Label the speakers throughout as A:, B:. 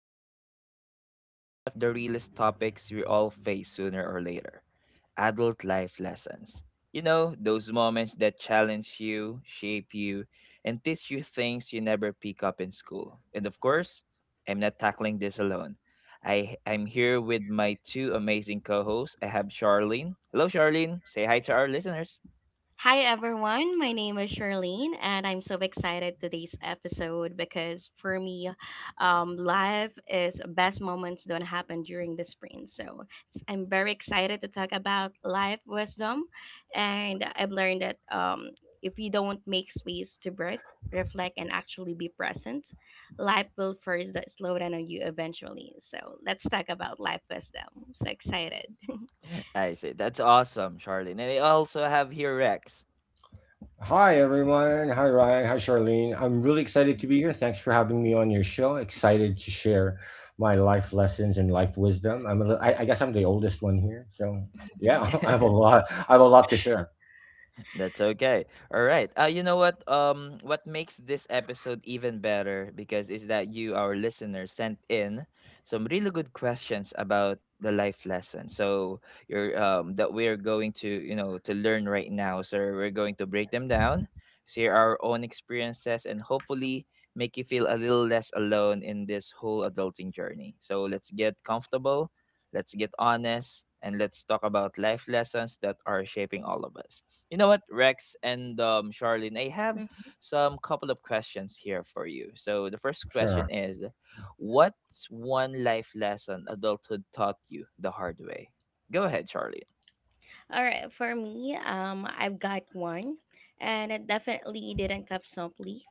A: Today, we're diving into one of the realest topics we all face sooner or later: adult life lessons. You know, those moments that challenge you, shape you, and teach you things you never pick up in school. And of course, I'm not tackling this alone. I'm here with my two amazing co hosts. I have Charlene. Hello, Charlene. Say hi to our listeners.
B: Hi everyone, my name is Charlene and I'm so excited today's episode because for me, life is best moments don't happen during the sprint. So I'm very excited to talk about life wisdom and I've learned that if you don't make space to breathe, reflect and actually be present, life will first that slow down on you eventually. So let's talk about life wisdom. So excited.
A: I say, that's awesome, Charlene. And I also have here Rex.
C: Hi, everyone. Hi, Ryan. Hi, Charlene. I'm really excited to be here. Thanks for having me on your show. Excited to share my life lessons and life wisdom. I guess I'm the oldest one here. So, yeah, I have a lot. I have a lot to share.
A: That's okay. All right. You know what? What makes this episode even better because is that you, our listeners, sent in some really good questions about the life lesson. So you're that we're going to you know to learn right now. So we're going to break them down, share our own experiences, and hopefully make you feel a little less alone in this whole adulting journey. So let's get comfortable, let's get honest, and let's talk about life lessons that are shaping all of us. You know what, Rex and Charlene, I have some couple of questions here for you. So the first
C: Sure.
A: question is, what's one life lesson adulthood taught you the hard way? Go ahead, Charlene.
B: All right, for me, I've got one, and it definitely didn't come simply.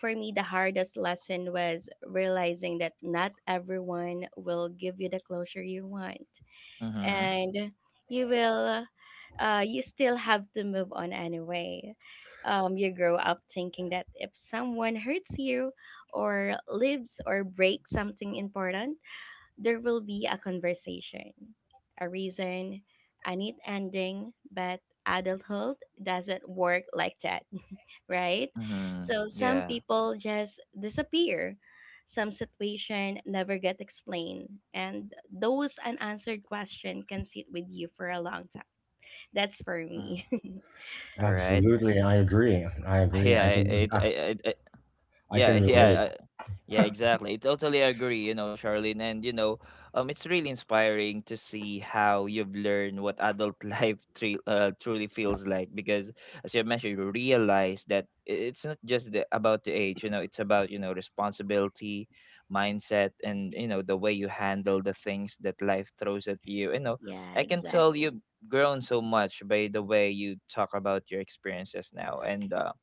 B: For me, the hardest lesson was realizing that not everyone will give you the closure you want,
A: Mm-hmm.
B: and you will, you still have to move on anyway. You grow up thinking that if someone hurts you, or leaves or breaks something important, there will be a conversation, a reason, a neat ending, but adulthood doesn't work like that, right?
A: Mm-hmm.
B: So some
A: Yeah.
B: people just disappear. Some situation never get explained, and those unanswered question can sit with you for a long time. That's for
A: Mm.
B: me.
A: All right.
C: Absolutely. I agree. I agree.
A: Yeah. It. I.
C: I,
A: I. I
C: I
A: yeah.
C: can relate.
A: Yeah. Yeah, exactly. Totally agree, you know, Charlene. And you know, it's really inspiring to see how you've learned what adult life truly feels like. Because as you mentioned, you realize that it's not just about the age. You know, it's about you know responsibility, mindset, and you know the way you handle the things that life throws at you. You know,
B: Yeah,
A: I can tell
B: exactly.
A: you've grown so much by the way you talk about your experiences now, and.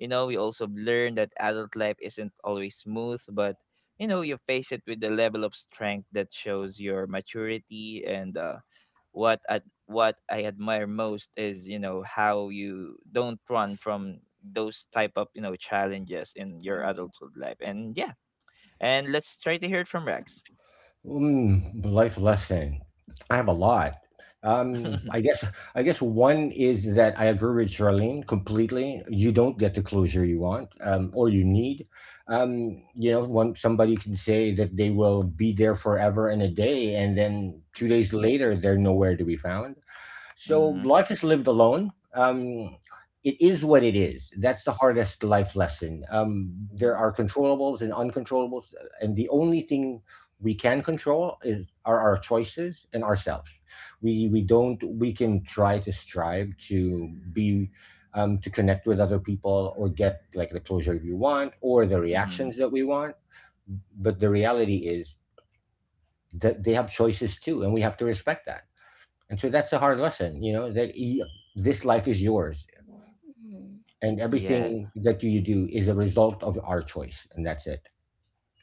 A: You know, we also learn that adult life isn't always smooth, but you know, you face it with the level of strength that shows your maturity and what what I admire most is, you know, how you don't run from those type of, you know, challenges in your
B: Mm-hmm.
A: adulthood life. And yeah, and let's try to hear it from Rex.
C: Life lesson. I have a lot. Um, I guess I guess one is that I agree with Charlene completely. You don't get the closure you want or you need. One somebody can say that they will be there forever and a day, and then 2 days later they're nowhere to be found. So
A: mm-hmm.
C: life is lived alone. It is what it is. That's the hardest life lesson. There are controllables and uncontrollables, and the only thing we can control is are our choices and ourselves. We don't we can try to strive to be to connect with other people or get like the closure you want or the
A: Mm.
C: reactions that we want. But the reality is that they have choices too, and we have to respect that, and so that's a hard lesson. You know, that y This life is yours,
B: Mm-hmm.
C: and everything that you do is a result of our choice. And that's it.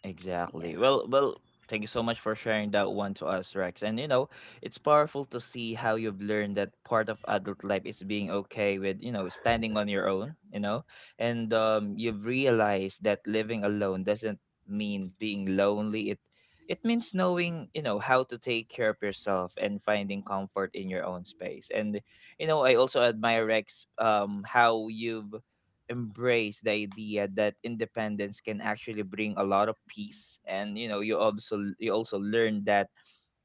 A: Exactly.
B: Yeah.
A: Well, well, thank you so much for sharing that one to us, Rex. And you know, it's powerful to see how you've learned that part of adult life is being okay with, you know, standing on your own, you know, and you've realized that living alone doesn't mean being lonely. It means knowing, you know, how to take care of yourself and finding comfort in your own space. And you know, I also admire Rex how you've embrace the idea that independence can actually bring a lot of peace and you know you also learn that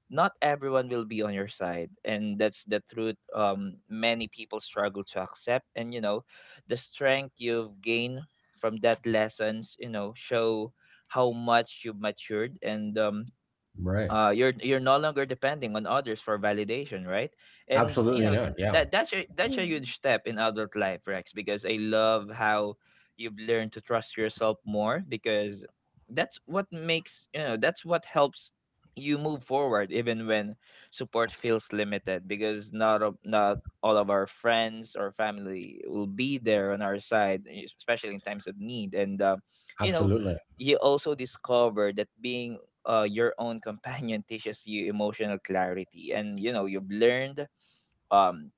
A: not everyone will be on your side and that's the truth many people struggle to accept and you know the strength you've gained from that lessons you know show how much you've matured and
C: Right.
A: you're you're no longer depending on others for validation, right? And you
C: Absolutely
A: know
C: not. Yeah.
A: that that's a
B: Mm.
A: huge step in adult life, Rex, because I love how you've learned to trust yourself more because that's what makes you know that's what helps you move forward even when support feels limited because not all of our friends or family will be there on our side especially in times of need and you know
C: Absolutely.
A: you also discover that being your own companion teaches you emotional clarity and you know you've learned um,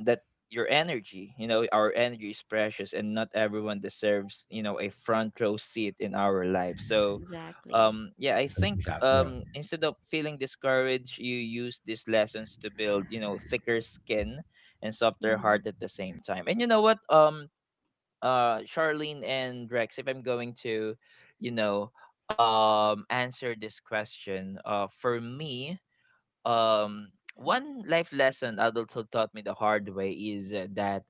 A: that your energy you know our energy is precious and not everyone deserves you know a front row seat in our life so
B: Exactly.
A: yeah I think
C: Yeah, yeah.
A: instead of feeling discouraged you use these lessons to build you know thicker skin and softer
B: Mm-hmm.
A: heart at the same time and you know what Charlene and Rex, if I'm going to, you know, answer this question, for me, one life lesson adulthood taught me the hard way is that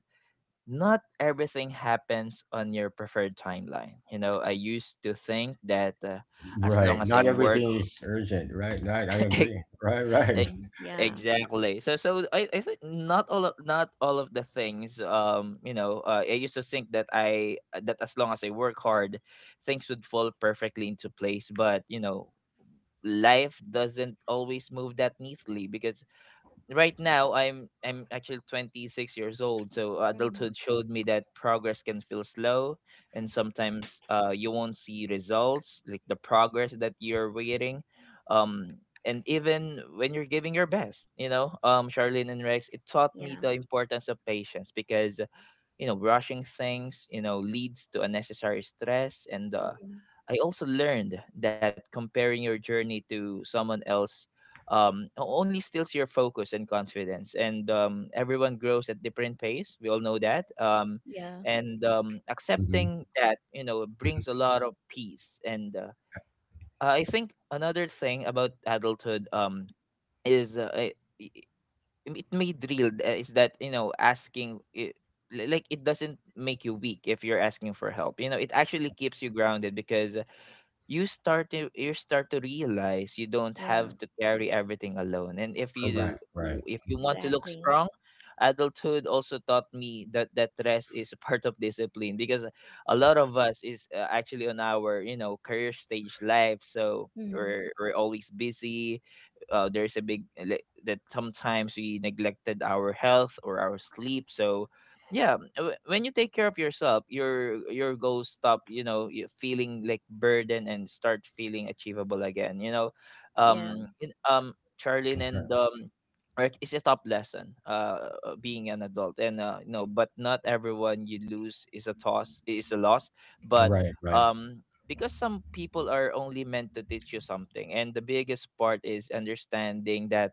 A: not everything happens on your preferred timeline. You know, I used to think that as long
C: Right.
A: as I
C: Not
A: work
C: everything is urgent. Right. Right. I
A: E-
C: agree. Right. Right.
B: Yeah.
A: exactly so so I think not all of the things you know I used to think that I that as long as I work hard things would fall perfectly into place but you know life doesn't always move that neatly because right now i'm actually 26 years old so
B: Mm-hmm.
A: adulthood showed me that progress can feel slow and sometimes you won't see results like the progress that you're waiting um and even when you're giving your best you know charlene and rex it taught me
B: Yeah.
A: the importance of patience because you know rushing things you know leads to unnecessary stress and
B: Mhm.
A: I also learned that comparing your journey to someone else only steals your focus and confidence. And everyone grows at different pace. We all know that.
B: Yeah,
A: And
C: Hmm.
A: accepting that, you know, brings a lot of peace. And I think another thing about adulthood is i- it made real is that, you know, asking. Like it doesn't make you weak if you're asking for help you know it actually keeps you grounded because you start to realize you don't
B: yeah,
A: have to carry everything alone and if you
C: Correct. Right.
A: if you want to look
B: exactly.
A: strong adulthood also taught me that rest is a part of discipline because a lot of us is actually on our you know career stage life so
B: Hmm.
A: we're always busy there's a that sometimes we neglected our health or our sleep so yeah when you take care of yourself your goals stop you know feeling like burden and start feeling achievable again you know
B: Yeah.
A: um in- um charlene
C: That's right.
A: and right, it's a tough lesson being an adult and you know but not everyone you lose is a loss but
C: Right. Right.
A: um because some people are only meant to teach you something and the biggest part is understanding that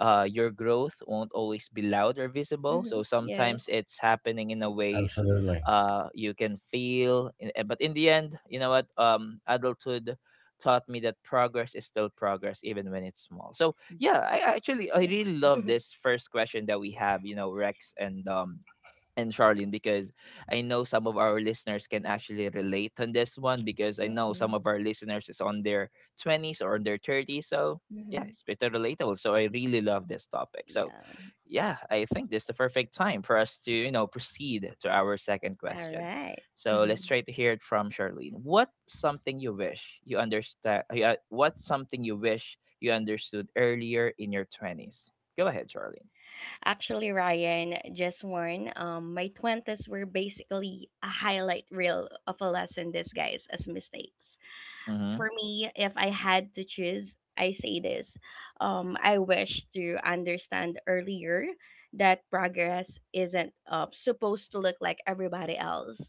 A: your growth won't always be loud or visible.
B: Hmm.
A: So sometimes
B: Yes.
A: it's happening in a ways
C: Absolutely.
A: you can feel. But in the end, you know what? Adulthood taught me that progress is still progress, even when it's small. So yeah, I actually I
B: Yeah.
A: really love this first question that we have. You know, Rex and Charlene because I know some of our listeners can actually relate on this one because I know
B: Hmm.
A: some of our listeners is on their 20s or on their 30s. So, yeah,
B: Hmm.
A: it's better relatable. So, I really love this topic. So,
B: Yeah.
A: yeah, I think this is the perfect time for us to, you know, proceed to our second
B: All
A: question.
B: right.
A: So, let's
B: Mhm.
A: try to hear it from Charlene. What something you wish you understand yeah, what's something you wish you understood earlier in your 20s? Go ahead, Charlene.
B: Actually, Ryan, just one. My 20s were basically a highlight reel of a lesson disguised as mistakes.
A: Mhm.
B: For me, if I had to choose, I say this. I wish to understand earlier that progress isn't supposed to look like everybody else.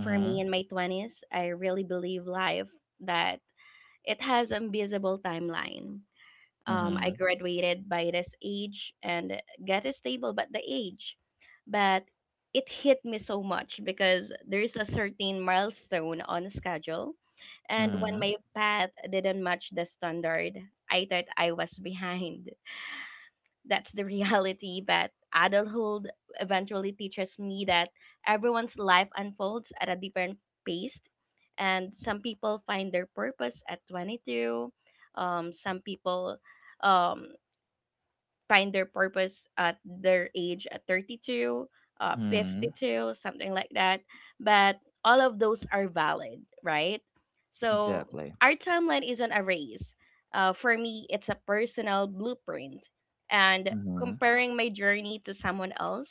B: For me in my 20s, I really believe life that it has a visible timeline. I
A: Mhm.
B: graduated by this age and got a stable, but the age, but it hit me so much because there is a certain milestone on a schedule, and when my
A: Mhm.
B: path didn't match the standard, I thought I was behind. That's the reality, but adulthood eventually teaches me that everyone's life unfolds at a different pace. And some people find their purpose at 22. Some people um, find their purpose at their age at 32,
A: Mhm.
B: 52, something like that. But all of those are valid, right? So
A: Exactly.
B: our timeline isn't a race. For me, it's a personal blueprint. And
A: Mhm.
B: comparing my journey to someone else,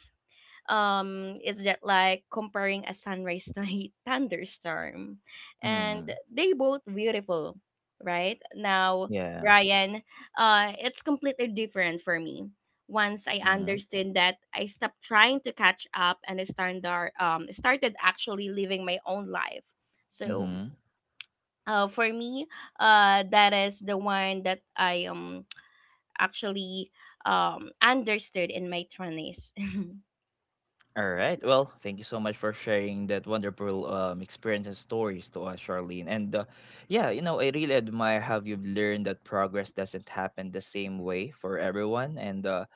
B: it's just like comparing a sunrise to a thunderstorm, and
A: Mm.
B: they both beautiful right now,
A: Yeah.
B: Ryan. It's completely different for me. Once I
A: Mhm.
B: understood that, I stopped trying to catch up, and I started actually living my own life. So
A: Mhm.
B: for me, that is the one that I actually understood in my 20s.
A: All right. Well, thank you so much for sharing that wonderful experience and stories to us, Charlene. And yeah, you know, I really admire how you've learned that progress doesn't happen the same way for everyone. And uh,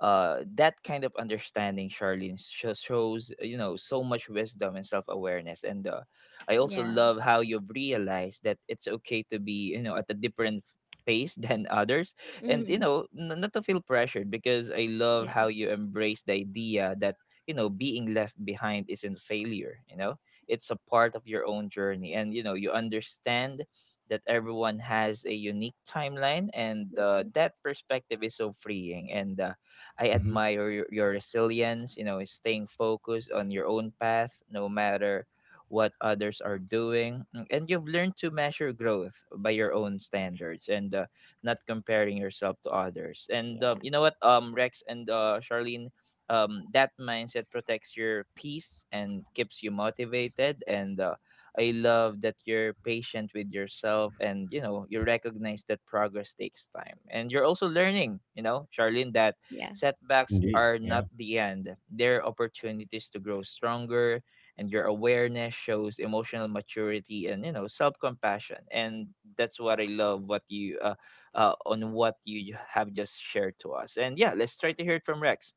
A: uh, that kind of understanding, Charlene, shows you know so much wisdom and self awareness. And I also
B: Yeah.
A: love how you've realized that it's okay to be you know at a different pace than others, and you
B: Mm-hmm.
A: know not to feel pressured because I love
B: Yes.
A: how you embrace the idea that you know being left behind isn't failure. You know, it's a part of your own journey, and you know you understand. That everyone has a unique timeline, and
B: Mhm.
A: that perspective is so freeing. And I
C: Hmm.
A: admire your resilience, you know, staying focused on your own path no matter what others are doing. Mm, and you've learned to measure growth by your own standards and not comparing yourself to others. And
B: Yeah.
A: you know what, Rex and Charlene, that mindset protects your peace and keeps you motivated. And I love that you're patient with yourself and you know you recognize that progress takes time. And you're also learning, you know, Charlene, that
B: Yeah.
A: setbacks
C: Indeed.
A: are
C: Yeah.
A: not the end, they're opportunities to grow stronger, and your awareness shows emotional maturity and you know self compassion. And that's what I love what you on what you have just shared to us. And yeah, let's try to hear it from Rex.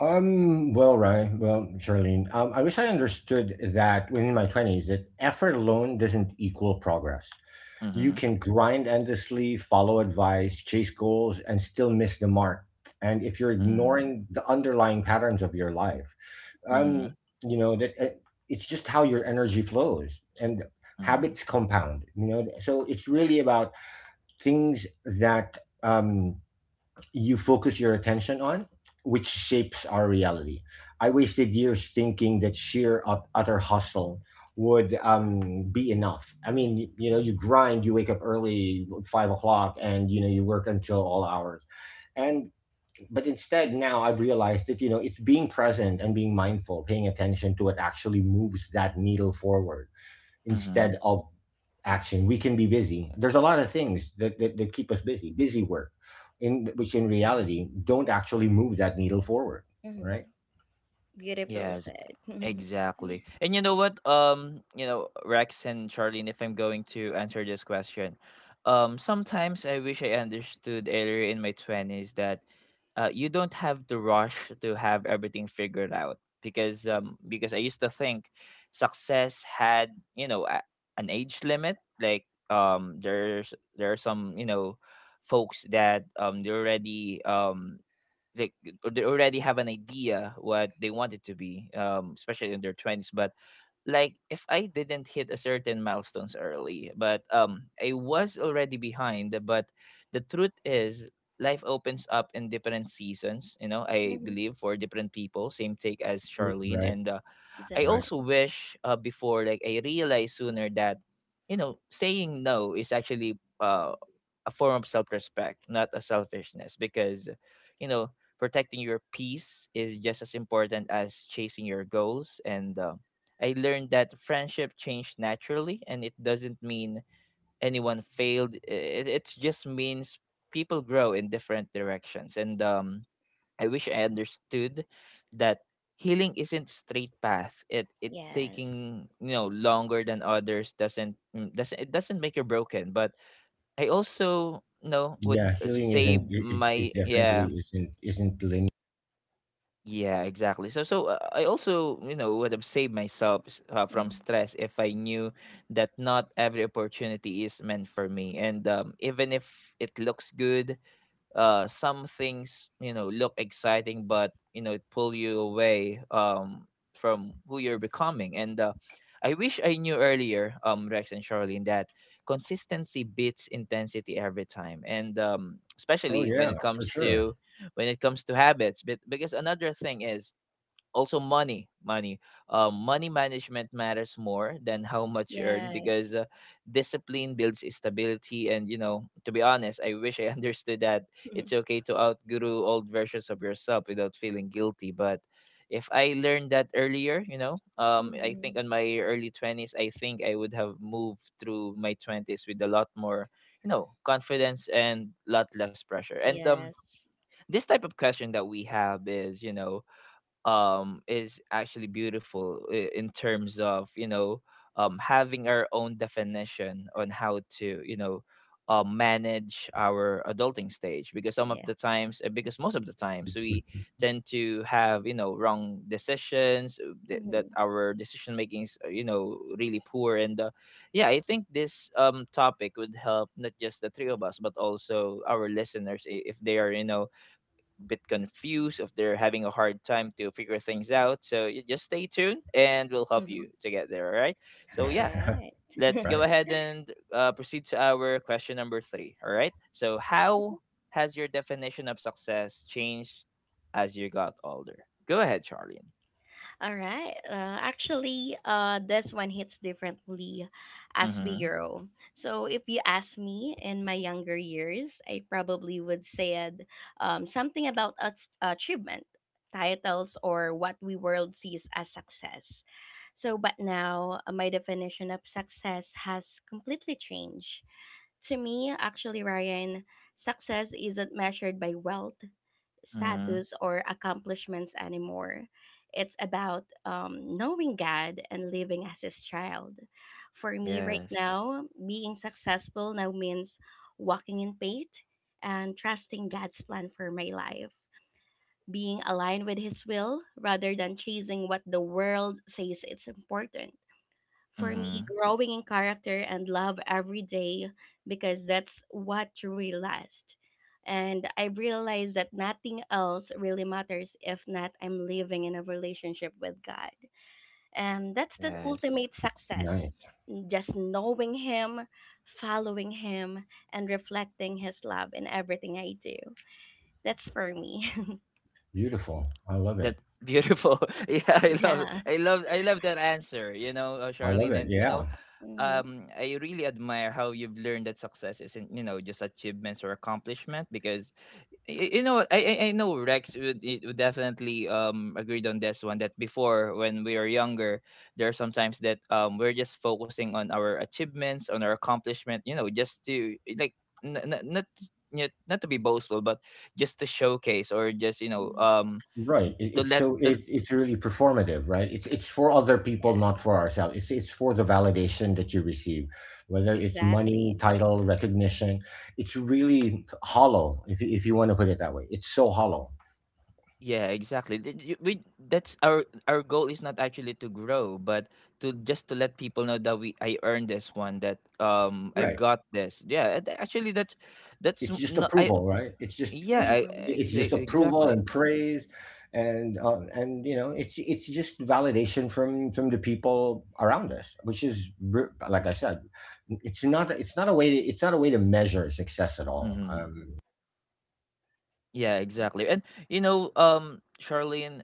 C: Well, right. Well, Charlene. I wish I understood that when in my twenties that effort alone doesn't equal progress. You
A: Mm-hmm.
C: can grind endlessly, follow advice, chase goals, and still miss the mark. And if you're
A: Mm-hmm.
C: ignoring the underlying patterns of your life,
B: Mhm.
A: Mm-hmm.
C: um, you know that it's just how your energy flows and habits compound. You know, so it's really about things that you focus your attention on, which shapes our reality. I wasted years thinking that sheer utter hustle would be enough. I mean, you grind, you wake up early, 5 o'clock, and you work until all hours. And but instead, now I've realized that it's being present and being mindful, paying attention to what actually moves that needle forward
A: Mm-hmm.
C: instead of action. We can be busy. There's a lot of things that keep us busy, busy work, in which in reality don't actually move that needle forward, right.
B: Mhm. Beautiful
A: Yes.
B: said.
A: Exactly. And you know what? You know, Rex and Charlene, if I'm going to answer this question, sometimes I wish I understood earlier in my twenties that you don't have to rush to have everything figured out, because I used to think success had, you know, a, an age limit. Like there are some, you know, folks that they're already like they already have an idea what they want it to be, especially in their 20s. But like if I didn't hit a certain milestones early, but I was already behind. But the truth is, life opens up in different seasons, you know. I
B: Mhm.
A: believe for different people, same take as Charlene.
C: Right.
A: And I
C: Right.
B: Exactly.
A: also wish, before like I realized sooner that, you know, saying no is actually, a form of self-respect, not a selfishness, because, you know, protecting your peace is just as important as chasing your goals. And I learned that friendship changed naturally, and it doesn't mean anyone failed. It just means people grow in different directions. And I wish I understood that healing isn't straight path. It
B: Yes.
A: taking, you know, longer than others doesn't, doesn't, it doesn't make you broken. But I also, you know, would
C: Yeah, healing isn't
A: save
C: is
A: my
C: definitely
A: yeah
C: isn't linear.
A: yeah exactly. So I also, you know, would have saved myself from
B: Mhm.
A: stress if I knew that not every opportunity is meant for me. And even if it looks good, some things, you know, look exciting, but you know, it pull you away from who you're becoming. And I wish I knew earlier, Rex and Charlene, that consistency beats intensity every time. And
C: Oh
A: especially when
C: yeah,
A: it
C: for
A: comes
C: sure.
A: to, when it comes to habits. But because another thing is also money money management matters more than how much you earn,
B: Yes.
A: because discipline builds stability. And, you know, to be honest, I wish I understood that
B: Mhm.
A: it's okay to outgrow old versions of yourself without feeling guilty. But if I learned that earlier, you know, I think
B: Mhm.
A: on my early 20s, I think I would have moved through my 20s with a lot more, you know, confidence and lot less pressure. And
B: Yes.
A: this type of question that we have is, you know, is actually beautiful in terms of, you know, having our own definition on how to, you know, manage our adulting stage. Because some of the
B: Yes.
A: times, because most of the times, we tend to have, you know, wrong decisions, that, that
B: Mhm.
A: our decision makings are, you know, really poor. And yeah, I think this topic would help not just the three of us, but also our listeners, if they are, you know, bit confused, if they're having a hard time to figure things out. So you just stay tuned and we'll help you to get there. All right. So, yeah,
B: All
A: let's
B: right.
A: go
C: Right.
A: ahead and proceed to our question number three. All right. So, how has your definition of success changed as you got older? Go ahead, Charlene.
B: All right. Actually, this one hits differently as we
A: Mm-hmm.
B: grow. So, if you ask me in my younger years, I probably would said something about achievement, titles, or what we world sees as success. So, but now my definition of success has completely changed. To me, actually, Ryan, success isn't measured by wealth
A: Mm-hmm.
B: status or accomplishments anymore. It's about knowing God and living as His child. For me, right
A: Yes.
B: now, being successful now means walking in faith and trusting God's plan for my life, being aligned with His will rather than chasing what the world says it's important for
A: Mm-hmm.
B: me growing in character and love every day because that's what truly lasts. And I realize that nothing else really matters if not I'm living in a relationship with God. And that's the
A: Yes.
B: ultimate success.
C: Nice.
B: Just knowing Him, following Him, and reflecting His love in everything I do. That's for me.
C: Beautiful.
A: That
C: I love it.
A: beautiful. Yeah, I love
B: Yes.
A: I love I love that answer, you know,
C: I
A: Charlene.
C: love
A: And
C: it.
A: you know,
C: Yeah.
B: Mm.
A: I really admire how you've learned that success isn't, you know, just achievements or accomplishment. Because you know, I know Rex would, would definitely agreed on this one, that before when we were younger, there are sometimes that we're just focusing on our achievements, on our accomplishment, you know, just to like not to be boastful, but just to showcase, or just you know
B: Mm.
C: Right. It,
A: to
C: it's
A: let
C: so
A: to,
C: it's really performative, right? It's for other people,
B: Yes.
C: not for ourselves. It's for the validation that you receive, whether it's money,
B: Exactly.
C: title, recognition. It's really hollow, if you want to put it that way. It's so hollow.
A: Yeah, exactly. We, that's our goal is not actually to grow, but to just to let people know that we, I earned this one, that I've
C: Right?
A: got this. Yeah, actually that's
C: It's just
A: no I
C: approval, right? It's just
A: yeah
B: Hmm.
C: it's just approval
A: exactly.
C: and praise, and you know it's just validation from the people around us, which is like I said, it's not a way to it's not a way to measure success at all.
A: Mm-hmm. Yeah, exactly. And you know, Charlene,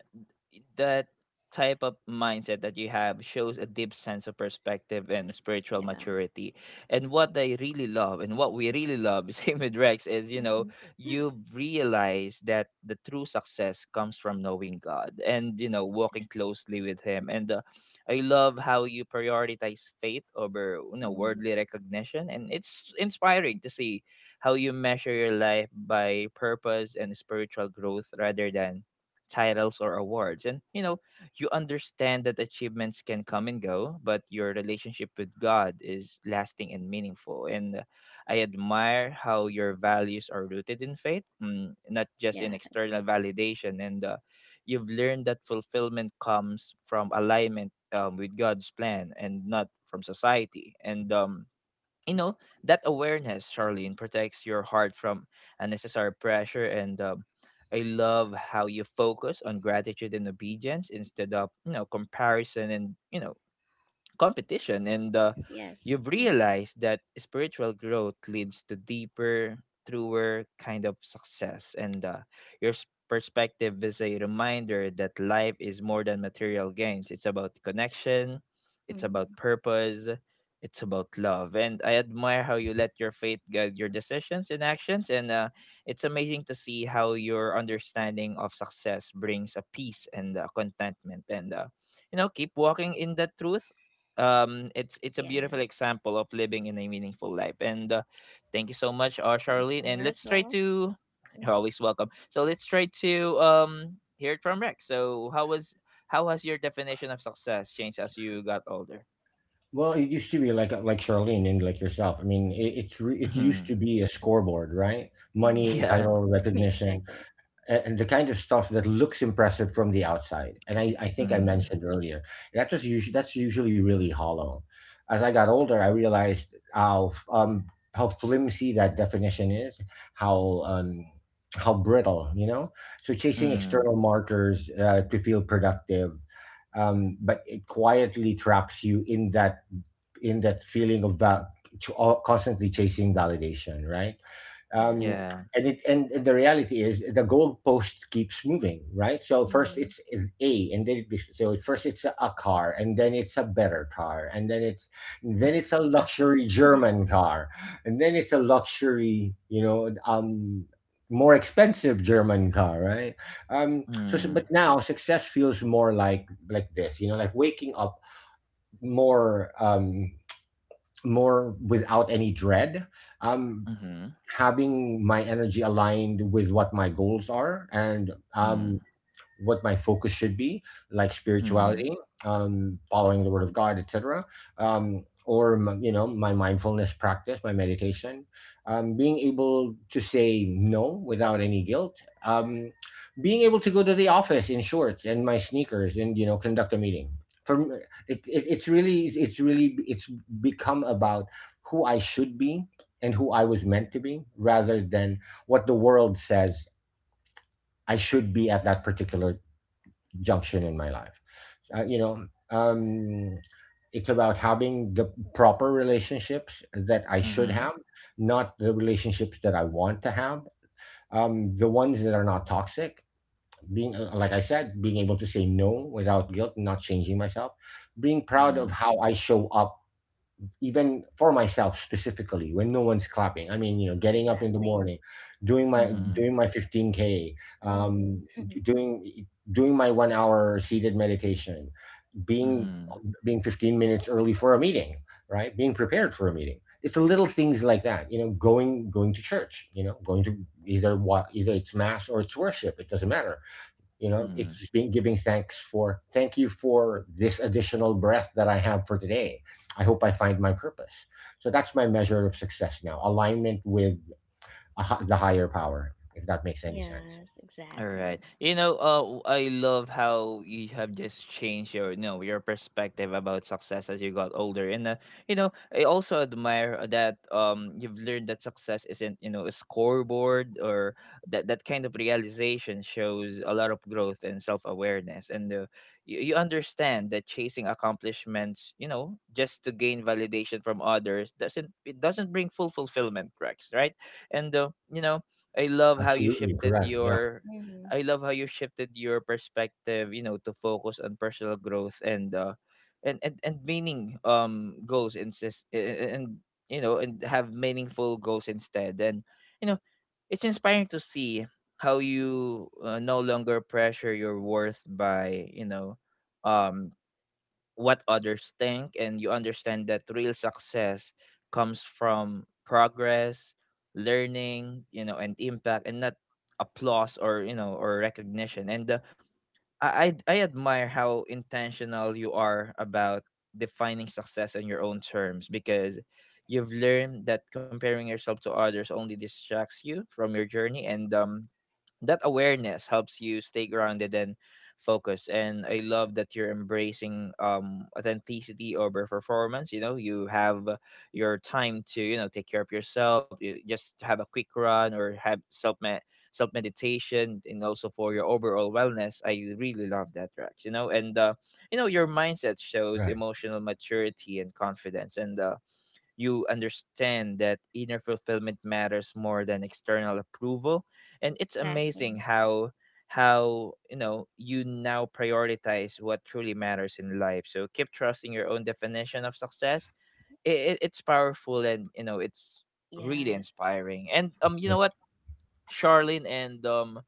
A: that type of mindset that you have shows a deep sense of perspective and spiritual
B: Yeah.
A: maturity. And what I really love and what we really love, same with Rex, is, you know,
B: Mhm.
A: you realize that the true success comes from knowing God and, you know, walking closely with Him. And I love how you prioritize faith over, you know,
B: Mhm.
A: worldly recognition. And it's inspiring to see how you measure your life by purpose and spiritual growth rather than titles or awards. And you know, you understand that achievements can come and go, but your relationship with God is lasting and meaningful. And I admire how your values are rooted in faith, not just
B: Yeah,
A: in external validation. And you've learned that fulfillment comes from alignment, with God's plan and not from society. And you know that awareness, Charlene, protects your heart from unnecessary pressure. And I love how you focus on gratitude and obedience instead of, you know, comparison and you know competition. And
B: yes.
A: you've
B: Mhm.
A: realized that spiritual growth leads to deeper, truer kind of success. And uh, your perspective is a reminder that life is more than material gains. It's about connection, it's about
B: Mhm.
A: purpose, it's about love. And I admire how you
C: Mhm.
A: let your faith guide your decisions and actions. And it's amazing to see how your understanding of success brings a peace and contentment. And you know, keep walking in that truth. It's a beautiful
B: Yes.
A: example of living in a meaningful life. And thank you so much,
B: Thank
A: Charlene.
B: you
A: And
B: as
A: let's try
B: well.
A: to you're
B: Mhm.
A: always welcome, so let's try to hear it from Rex. So how was, how has your definition of success changed as you got older?
C: Well, it used to be like Charlene and like yourself. I mean, it used to
A: Mhm.
C: be a scoreboard, right? Money,
B: Mhm.
A: yeah
C: title, recognition,
B: Exactly.
C: a- and the kind of stuff that looks impressive from the outside. And I think I
B: Mhm.
A: mm
C: mentioned earlier that's usually really hollow. As I got older, I realized how flimsy that definition is, how um how brittle. So chasing
A: Mm.
C: external markers to feel productive, but it quietly traps you in that feeling of to all, constantly chasing validation, right? um,
B: Yes.
A: yeah
C: and the reality is the goalpost keeps moving, right. So first
B: Mhm.
C: it's a and then it be- so first it's a car, and then it's a better car, and then it's then it's a luxury German car, and then it's a luxury more expensive German car, right. um so so-
A: mm
C: but now success feels more like this, you know, like waking up more without any dread, um
A: Mm-hmm.
C: having my energy aligned with what my goals are, and
A: Mm.
C: what my focus should be, like
A: Mm-hmm.
C: spirituality, following the word of God, et cetera, or my mindfulness practice, my meditation, being able to say no without any guilt, being able to go to the office in shorts and my sneakers and you know conduct a meeting. For me, it, it's really it's really it's become about who I should be and who I was meant to be, rather than what the world says I should be at that particular junction in my life. Uh, you know, um, it's about having the proper relationships that I should
A: Mm-hmm.
C: have, not the relationships that I want to have. The ones that are not toxic, being like I said, being able to say no without guilt, not changing myself, being proud of
A: Mm-hmm.
C: how I show up. Even for myself specifically, when no one's clapping, I mean, you know, getting up in the
B: Exactly.
C: morning,
A: Mm-hmm.
C: doing my 15k,
B: Mhm.
C: um,
B: Mhm.
C: doing my 1 hour seated meditation, being being 15 minutes early for a meeting, right, being prepared for a meeting. It's the little things like that, you know, going to church, going to either what either it's mass or it's worship, it doesn't matter. You know,
A: Mm-hmm.
C: it's just being giving thanks for thank you for this additional breath that I have for today. I hope I find my purpose. So that's my measure of success now, alignment with the higher power, if that makes any sense.
B: Yes,
A: All right.
B: exactly.
A: You know, I love how you have just changed your, you know, your perspective about success as you got older. And you know, I also admire that you've learned that success isn't, you know, a scoreboard. Or that that kind of realization shows a lot of growth and self awareness. And you, you understand that chasing accomplishments, you know, just to gain validation from others doesn't, it doesn't bring full fulfillment, Rex, right? And you know. I love how you
C: Absolutely
A: shifted
C: correct. Yeah.
A: your
B: Mhm.
A: I love how you shifted your perspective, you know, to focus on personal growth and meaning goals insist and you know, and have meaningful goals instead. And you know, it's inspiring to see how you, no longer pressure your worth by, you know, um what others think. And you understand that real success comes from progress, learning, you know, and impact, and not applause, or you know, or recognition. And I, I admire how intentional you are about defining success on your own terms, because you've learned that comparing yourself to others only distracts you from your journey. And that awareness helps you stay grounded and focused. And I love that you're embracing authenticity over performance. You know, you have, your time to, you know, take care of yourself, you just have a quick run or have self meditation, and also for your overall wellness. I really love that, Rex. You know, and you know, your mindset shows
C: Right.
A: emotional maturity and confidence. And you understand that inner fulfillment matters more than external approval. And it's
B: Exactly.
A: amazing how, you know, you now prioritize what truly matters in life. So keep trusting your own definition of success. It it's powerful, and you know it's really
B: Yes.
A: inspiring. And you know
C: Right.
A: what, Charlene and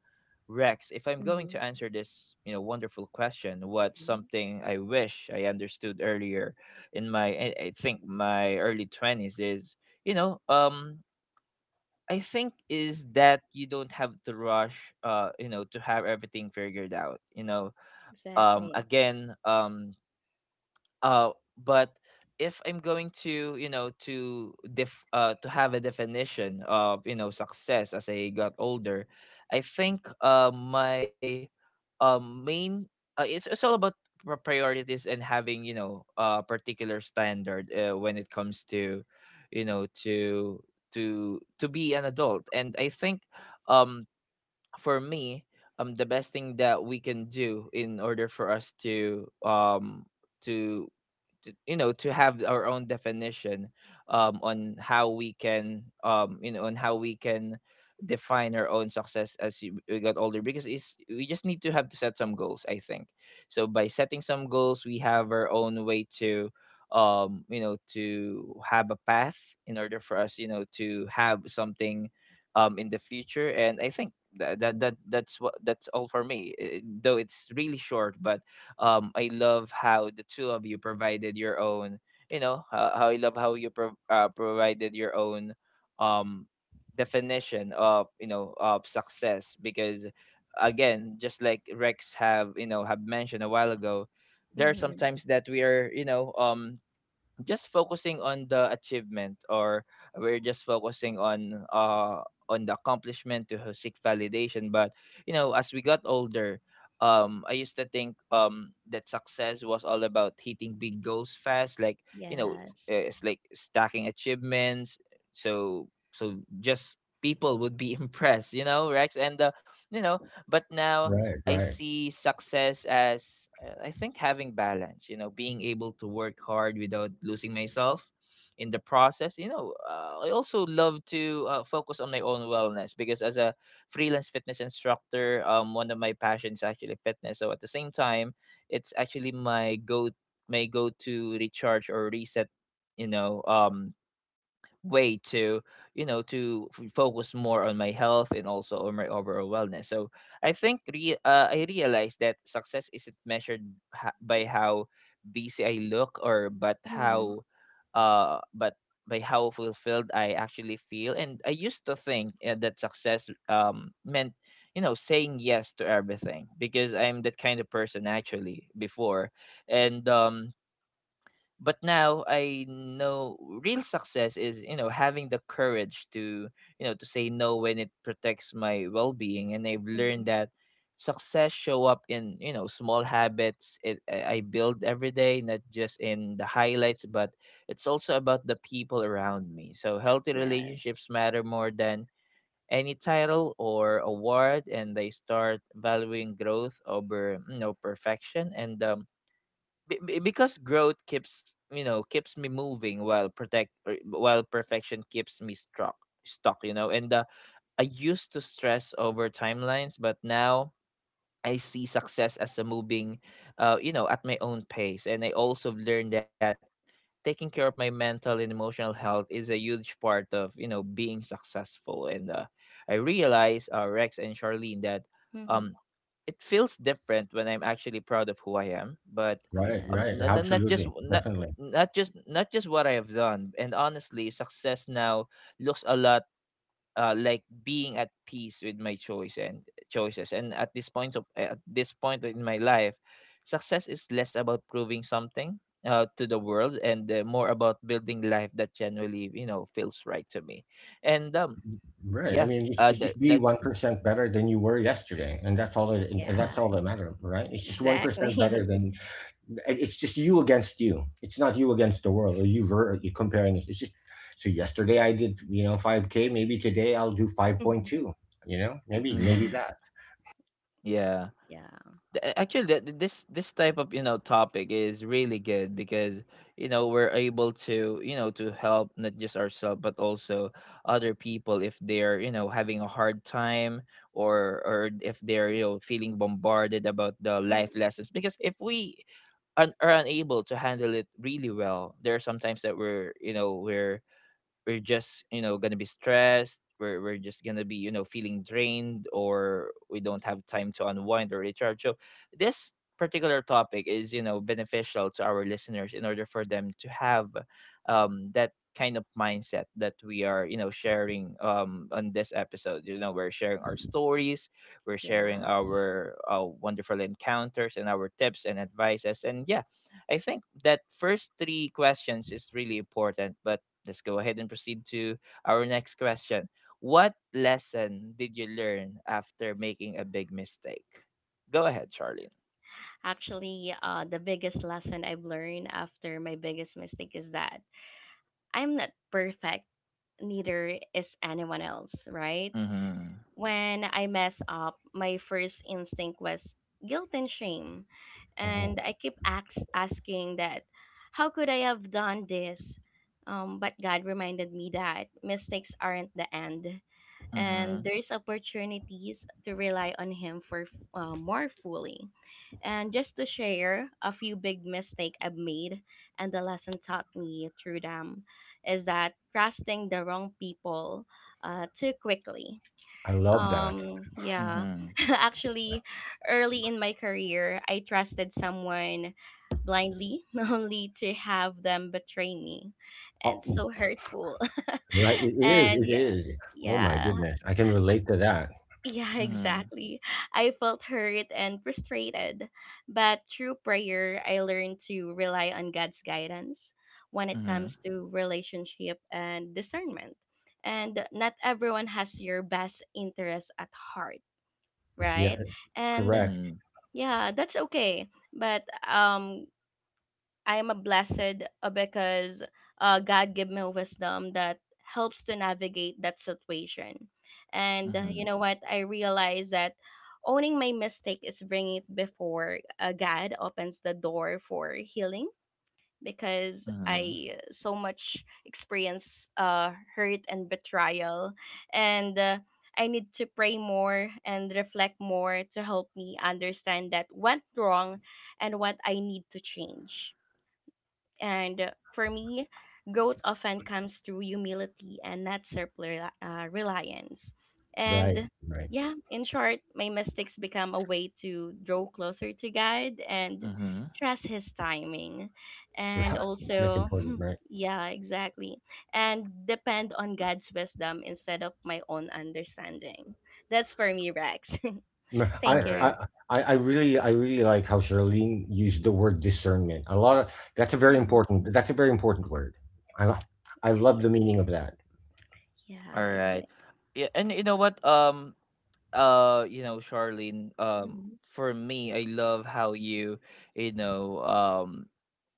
A: Rex, if I'm going
B: Mhm.
A: to answer this, you know, wonderful question, what's
B: Mhm.
A: something I wish I understood earlier in my, I think my early 20s is, you know, I think is that you don't have to rush, you know, to have everything figured out, you know. Um
B: Exactly.
A: again, um uh but if I'm going to you know to def to have a definition of success as I got older, I think my main it's all about priorities and having a particular standard when it comes to you know to to be an adult. And I think, um for me, the best thing that we can do in order for us to to, have our own definition on how we can define our own success as we got older, because it's we just need to have to set some goals, I think. So by setting some goals, we have our own way to have a path in order for us, to have something in the future. And I think that's what, that's all for me. Eh, though it's really short, but I love how the two of you provided your own, you know how I love how you provided your own um definition of success. Because again, just like Rex have, have mentioned a while ago, there are
B: Mhm.
A: sometimes that we are, just focusing on the achievement, or we're just focusing on the accomplishment to seek validation. But as we got older, I used to think that success was all about hitting big goals fast, like,
B: Yes.
A: it's like stacking achievements, so just people would be impressed, you know, Rex. And you know But now
C: Right.
A: I
C: Right.
A: see success as, I think, having balance, you know, being able to work hard without losing myself in the process. You know, I also love to focus on my own wellness, because as a freelance fitness instructor, one of my passions is actually fitness. So at the same time, it's actually my go to recharge or reset, you know, um way to focus more on my health and also on my overall wellness. So I think I realized that success isn't measured by how busy I look, or but
B: Mhm,
A: how but by how fulfilled I actually feel. And I used to think that success meant, you know, saying yes to everything, because I'm that kind of person, actually, before. And But now I know real success is, you know, having the courage to say no when it protects my well-being. And I've
B: mhm.
A: learned that success show up in, you know, small habits it, I build every day, not just in the highlights, but it's also about the people around me. So healthy
B: Yes.
A: relationships matter more than any title or award, and they start valuing growth over, perfection. Because growth keeps, keeps me moving, while while perfection keeps me struck stuck, you know. And uh, i used to stress over timelines, but now I see success as a moving, you know, at my own pace. And I also learned that taking care of my mental and emotional health is a huge part of, you know, being successful. And I realized, Rex and Charlene, that
B: Mhm.
A: um, it feels different when I'm actually proud of who I am. But
C: Right. Right.
B: Yes.
A: not just,
C: Absolutely. Definitely.
A: not just what I have done. And honestly, success now looks a lot, like being at peace with my choices. And at this point of at this point in my life, success is less about proving something to the world, and more about building life that genuinely, you know, feels right to me. And
C: Right. I
A: Yeah,
C: mean, just
A: uh,
C: just,
A: that
C: just be
A: that's
C: 1% better than you were yesterday, and that's all. It, and
B: Yeah,
C: that's all that matters, right? It's just 1% better
B: exactly.
C: than. It's just you against you. It's not you against the world, or you are comparing it. It's just, so yesterday I did, 5K. Maybe today I'll do five point two. You know, maybe
A: mm,
C: that.
A: yeah.
B: Yeah.
A: Actually, this this type of, topic is really good, because you know, we're able to, you know, to help not just ourselves but also other people if they're, you know, having a hard time, or if they're, you know, feeling bombarded about the life
B: Mm.
A: lessons. Because if we are unable to handle it really well, there are sometimes that we're just, you know, gonna be stressed. We're just gonna be, you know, feeling drained, or we don't have time to unwind or recharge. So this particular topic is, you know, beneficial to our listeners in order for them to have that kind of mindset that we are, you know, sharing on this episode. You know, we're sharing our stories, we're sharing
B: Yes.
A: our wonderful encounters and our tips and advices, and yeah, I think that first three questions is really important. But let's go ahead and proceed to our next question. What lesson did you learn after making a big mistake? Go ahead, Charlene.
B: Actually, the biggest lesson I've learned after my biggest mistake is that I'm not perfect, neither is anyone else, right?
A: Mm-hmm.
B: When I mess up, my first instinct was guilt and shame.
C: Oh,
B: And I keep ax asking that, how could I have done this? But God reminded me that mistakes aren't the end, and
A: Mm-hmm.
B: there's opportunities to rely on Him for more fully. And just to share a few big mistake I've made and the lesson taught me through them is that trusting the wrong people too quickly,
C: I love that.
B: yeah.
A: Mm-hmm.
B: Actually, early in my career, I trusted someone blindly, only to have them betray me. And
C: Oh,
B: so hurtful.
C: right. It is.
B: And
C: It
B: yeah,
C: is. Oh my
B: yeah,
C: goodness, I can relate to that.
B: yeah,
A: Mm-hmm.
B: exactly. I felt hurt and frustrated. But through prayer, I learned to rely on God's guidance when it
A: Mm-hmm.
B: comes to relationship and discernment. And not everyone has your best interest at heart,
C: Yeah,
B: right? And
C: correct.
A: Mm-hmm.
B: yeah, that's okay. But um, I am a blessed because God gave me wisdom that helps to navigate that situation. And
A: Mm-hmm.
B: you know what? I realize that owning my mistake is bringing it before God opens the door for healing because
A: Mm-hmm.
B: I so much experience hurt and betrayal, and I need to pray more and reflect more to help me understand that went wrong and what I need to change. And for me, growth often comes through humility and not self-reliance. Reliance.
C: Right.
B: And
C: Right.
B: yeah, in short, my mistakes become a way to draw closer to God and
A: Mm-hmm.
B: trust His timing. And
C: Right. That's
B: also,
C: important. Right.
B: yeah, exactly. And depend on God's wisdom instead of my own understanding. That's for me, Rex.
C: No,
A: All
B: Thank
C: I,
B: you.
A: right.
C: I, I I really, I really like how Charlene used the word discernment. A lot of that's a very
B: Mm.
C: important. That's a very important word. I, lo- I love
B: Yeah,
C: the meaning of that.
B: yeah,
A: All right.
B: exactly.
A: Yeah, and you know what? You know, Charlene, for me, I love how you, you know,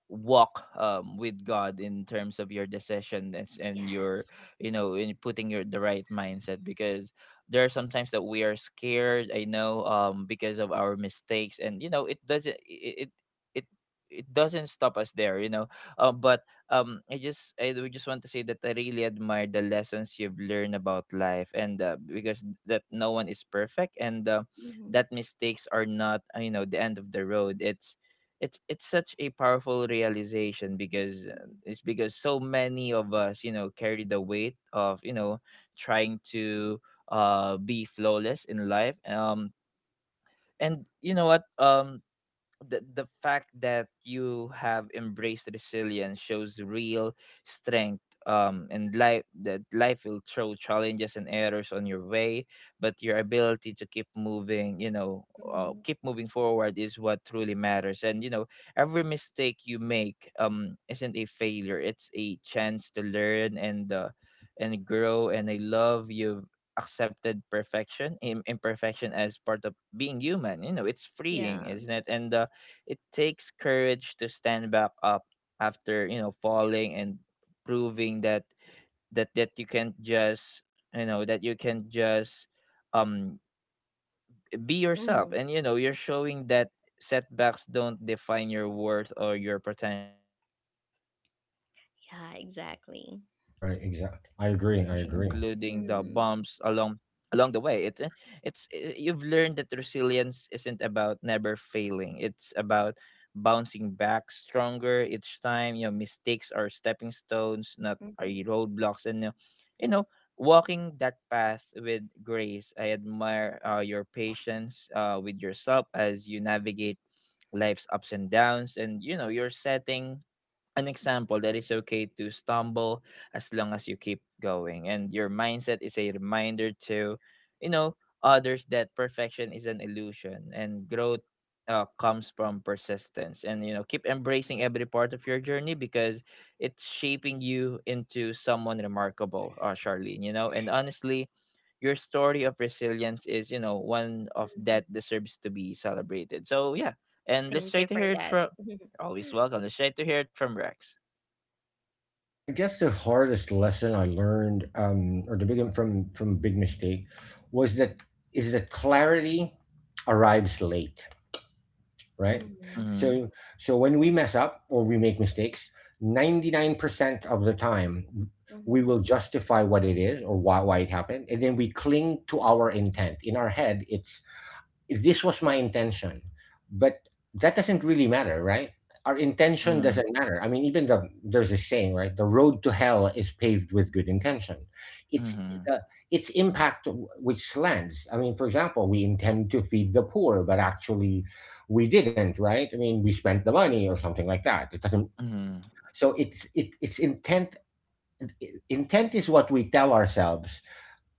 A: walk with God in terms of your and your,
B: Yes.
A: you know, in putting your the right mindset. Because there are sometimes that we are scared, I know, because of our mistakes, and you know, it doesn't it it it it doesn't stop us there, you know. But I just, I would just want to say that I really admire the lessons you've learned about life. And because that no one is perfect, and that mistakes are not, you know, the end of the road. It's it's such a powerful realization, because it's because so many of us, you know, carry the weight of, you know, trying to be flawless in life. And you know what, the fact that you have embraced resilience shows real strength. And life, that life will throw challenges and errors on your way, but your ability to keep moving, you know,
B: Hmm.
A: keep moving forward is what truly matters. And you know, every mistake you make isn't a failure, it's a chance to learn, and grow. And I love you've accepted imperfection as part of being human. You know, it's freeing,
B: Yeah.
A: isn't it? And it takes courage to stand back up after, you know, falling, and proving that you can just, you know, that you can just um be yourself.
B: Mhm.
A: And you know, you're showing that setbacks don't define your worth or your potential. It's inspiring to see
B: Yeah,
A: someone on
B: exactly.
A: their
C: Right.
A: journey,
C: Exactly. I
A: including
C: agree. I
A: the
C: agree.
A: bumps along
B: Mhm.
A: the way. It eh, it's eh, You've learned that resilience isn't about never failing, it's about bouncing back stronger each time. You know, mistakes are stepping stones, not are
B: Mhm.
A: roadblocks. And you know, Walking that path with grace, I admire, your patience, with yourself as you navigate life's ups and downs. And you know, you're setting an example that it's okay to stumble, as long as you keep going. And your mindset is a reminder to, you know others that perfection is an illusion, and growth comes from persistence. And you know, keep embracing every part of your journey, because it's shaping you into someone remarkable, Charlene, you know. And honestly, your story of resilience is, you know, one of
B: Mhm.
A: that deserves to be celebrated. So yeah, and let's
B: Thank
A: try
B: you
A: to
B: for
A: hear it
B: that.
A: from always welcome. Let's try to hear it from Rex.
C: I guess the hardest lesson I learned, or the big one from big mistake, was that is that clarity arrives late, right?
B: Mhm.
A: Mhm,
C: So so when we mess up or we make mistakes, 99% of the time
B: Mhm.
C: we will justify what it is or why it happened, and then we cling to our intent. In our head, it's this was my intention, but that doesn't really matter, right. Our intention
A: mm,
C: doesn't matter. I mean, even there's a saying, right, the road to hell is paved with good intention. it's
A: mhm,
C: the its impact, which lands. I mean, for example, we intend to feed the poor, but actually we didn't, right. I mean, we spent the money or something like that, it doesn't.
A: mhm,
C: So it's intent. Intent is what we tell ourselves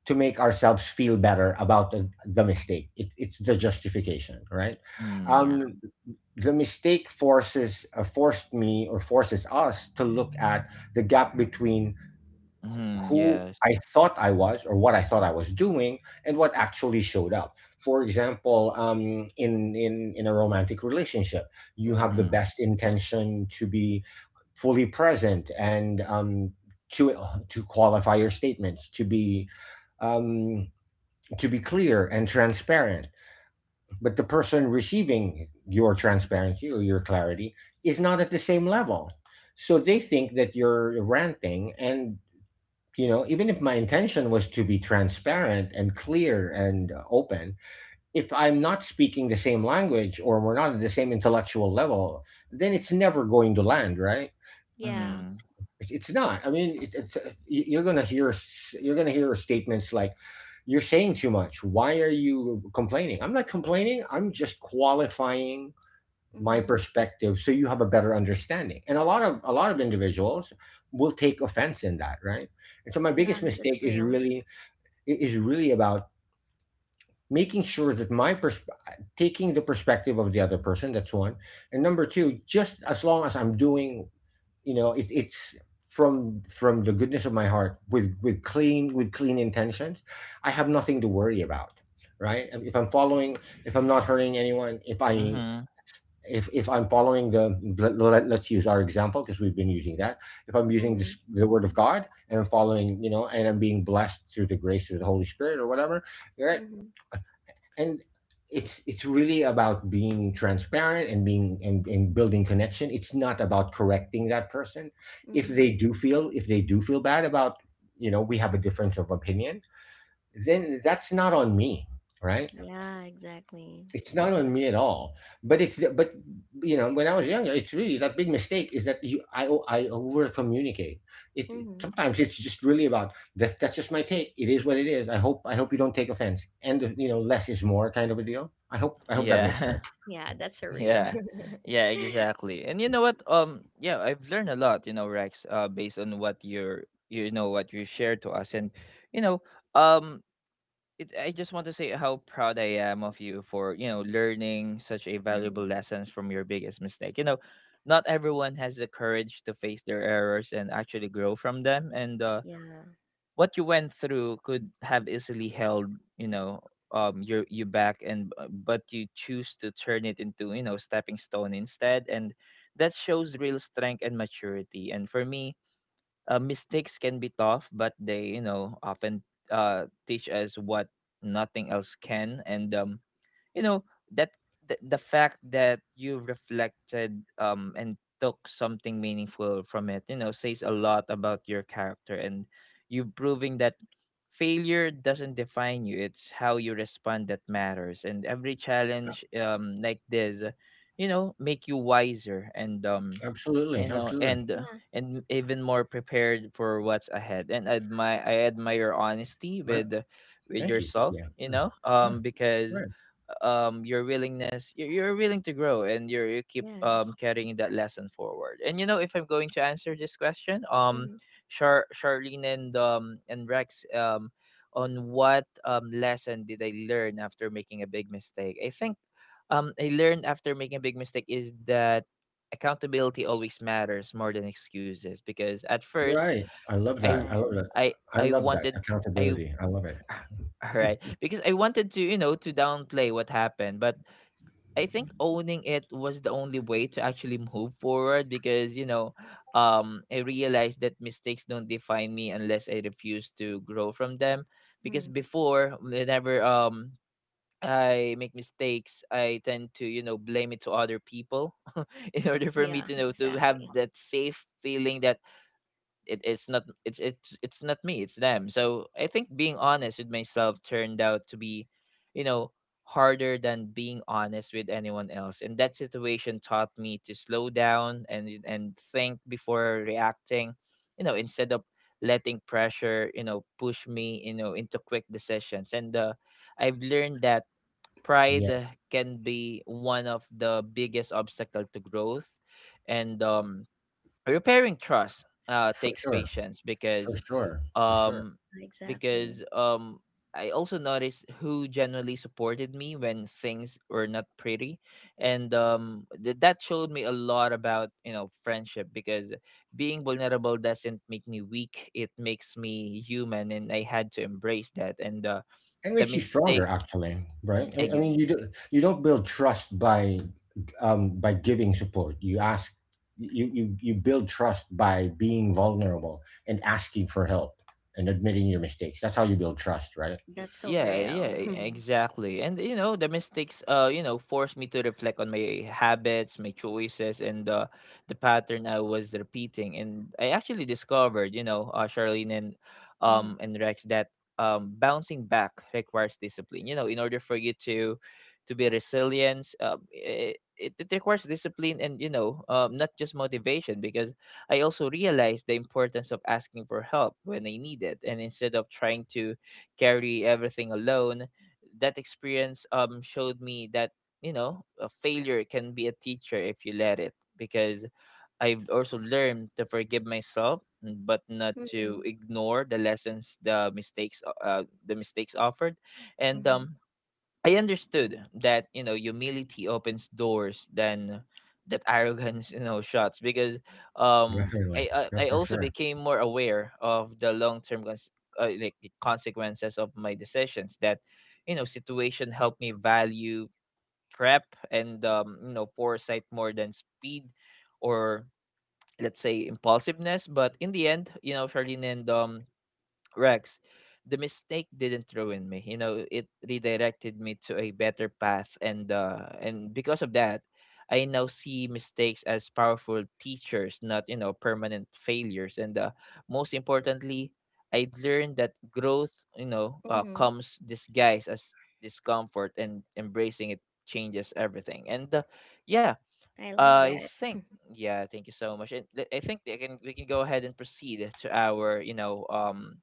C: to make ourselves feel better about the mistake. It, it's the justification, right?
B: Yeah.
A: mm,
C: Um, the mistake forces forced me or forces us to look at the gap between
A: mhm,
C: who
A: yes,
C: I thought I was or what I thought I was doing and what actually showed up. For example, in a romantic relationship, you have the
B: Mhm.
A: mm,
C: best intention to be fully present and to qualify your statements um, to be clear and transparent. But the person receiving your transparency or your clarity is not at the same level. So they think that you're ranting, and even if my intention was to be transparent and clear and open, if I'm not speaking the same language or we're not at the same intellectual level, then it's never going to land, right?
B: Yeah.
A: mhm,
C: It's not. I mean, you're gonna hear statements like, "You're saying too much. Why are you complaining?" I'm not complaining. I'm just qualifying my
B: Mhm.
C: perspective so you have a better understanding. And a lot of individuals will take offense in that, right? And so my
B: Yeah,
C: biggest
B: that's
C: mistake is
B: real.
C: really is really about making sure that my taking the perspective of the other person. That's one. And number two, just as long as I'm doing it's from the goodness of my heart with clean intentions. I have nothing to worry about, right? If I'm not hurting anyone, if i
A: mhm,
C: if if I'm following let's use our example because we've been using that. If I'm using this,
B: Mhm.
C: the word of God, and I'm following, and I'm being blessed through the grace of the Holy Spirit or whatever. Yeah,
B: Mhm.
C: and it's really about being transparent and being and building connection. It's not about correcting that person. If
B: Mhm.
C: they do feel, bad about, we have a difference of opinion, then that's not on me, right?
B: Yeah, exactly.
C: It's not on me at all, but it's the but you know when I was younger, it's really that big mistake is that I over communicate.
B: Mhm.
C: Sometimes it's just really about that. That's just my take. It is what it is. I hope you don't take offense. And less is more kind of a deal. I hope that makes sense.
A: yeah,
B: Yeah, that's a real.
A: yeah, yeah, exactly. And you know what? Yeah, I've learned a lot, you know, Rex, based on what you're, you know, what you shared to us. And you know, um, I just want to say how proud I am of you for, you know, learning such a valuable
B: Mhm.
A: lessons from your biggest mistake. You know, not everyone has the courage to face their errors and actually grow from them. And
B: Yeah.
A: what you went through could have easily held, you know, you back. And but you choose to turn it into, you know, stepping stone instead. And that shows real strength and maturity. And for me, mistakes can be tough, but they, you know, often teach us what nothing else can. And you know that the fact that you reflected and took something meaningful from it, you know, says a lot about your character. And you proving that failure doesn't define you, it's how you respond that matters. And every challenge like this, you know, make you wiser. And you
C: Absolutely,
A: know
C: absolutely.
A: and
B: Yeah.
A: And even more prepared for what's ahead. And admire, I admire honesty
C: Right.
A: with, with
C: Thank you, thank you.
A: yourself, you
C: Yeah, yeah,
A: know,
C: yeah,
A: because
C: right,
A: your willingness, you're willing to grow, and you keep
B: Yes.
A: carrying that lesson forward. And you know, if I'm going to answer this question,
B: Mhm.
A: Charlene and Rex, on what lesson did I learn after making a big mistake. I think I learned after making a big mistake is that accountability always matters more than excuses. Because at first
C: right. I love
A: I
C: that. I love that.
B: Yes.
C: I
A: I
C: love that
A: wanted, I
C: accountability. I love it.
A: all right because I wanted to, you know, to downplay what happened. But I think owning it was the only way to actually move forward. Because you know, I realized that mistakes don't define me unless I refuse to grow from them. Because
B: Mhm.
A: before, whenever I make mistakes, I tend to, you know, blame it to other people. in order for me
B: Yeah,
A: to know to have
B: exactly.
A: that safe feeling that it's not it's not me, it's them. So I think being honest with myself turned out to be, you know, harder than being honest with anyone else. And that situation taught me to slow down and think before reacting, instead of letting pressure, push me, into quick decisions. And I've learned that
C: Yeah,
A: pride can be one of the biggest obstacle to growth and repairing trust
C: for
A: takes
C: sure,
A: patience
C: for sure, for sure.
A: um
B: Exactly.
A: because I also noticed who generally supported me when things were not pretty and that showed me a lot about, you know, friendship because being vulnerable doesn't make me weak, it makes me human, and I had to embrace that. and uh,
C: It
A: the
C: makes you stronger,
A: mistake
C: actually, right? I mean,
B: Mhm.
C: you do you don't build trust by, by giving support. You ask, you build trust by being vulnerable and asking for help and admitting your mistakes. That's how you build trust, right?
B: That's so
A: yeah,
B: real. Mhm.
A: exactly. And you know, the mistakes you know, forced me to reflect on my habits, my choices, and the pattern I was repeating. And I actually discovered, you know, Charlene
B: Mhm.
A: and Rex, that bouncing back requires discipline, you know, in order for you to be resilient. It requires discipline, and you know, not just motivation, because I also realized the importance of asking for help when I need it, and instead of trying to carry everything alone. That experience showed me that, you know, a failure can be a teacher if you let it. Because I've also learned to forgive myself, but not to
B: Mhm.
A: ignore the lessons the mistakes the mistakes offered, and
B: Mhm.
A: I understood that, you know, humility opens doors than that arrogance, you know, shuts. Because um
C: Definitely,
A: I I
C: that's for
A: also
C: sure.
A: became more aware of the long term like the consequences of my decisions. That, you know, situation helped me value prep and you know, foresight more than speed or, let's say, impulsiveness. But in the end, you know, Charlene and Rex, the mistake didn't ruin me. You know, it redirected me to a better path, and because of that, I now see mistakes as powerful teachers, not, you know, permanent failures. And most importantly, I learned that growth, you know,
B: Mm-hmm.
A: comes disguised as discomfort, and embracing it changes everything. And yeah,
B: I love
A: I
B: that.
A: think. Yeah, thank you so much. And I think they can, we can go ahead and proceed to our, you know,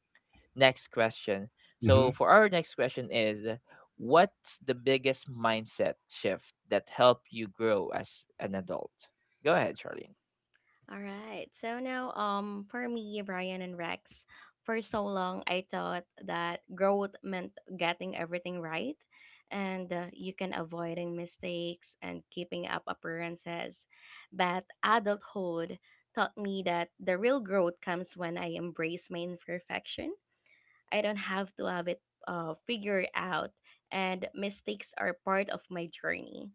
A: next question. So
C: Hmm.
A: for our next question is, what's the biggest mindset shift that helped you grow as an adult? Go ahead, Charlene.
B: All right. So now, for me, Brian and Rex, for so long I thought that growth meant getting everything right, and you can avoiding mistakes and keeping up appearances. But adulthood taught me that the real growth comes when I embrace my imperfection. I don't have to have it figured out, and mistakes are part of my journey.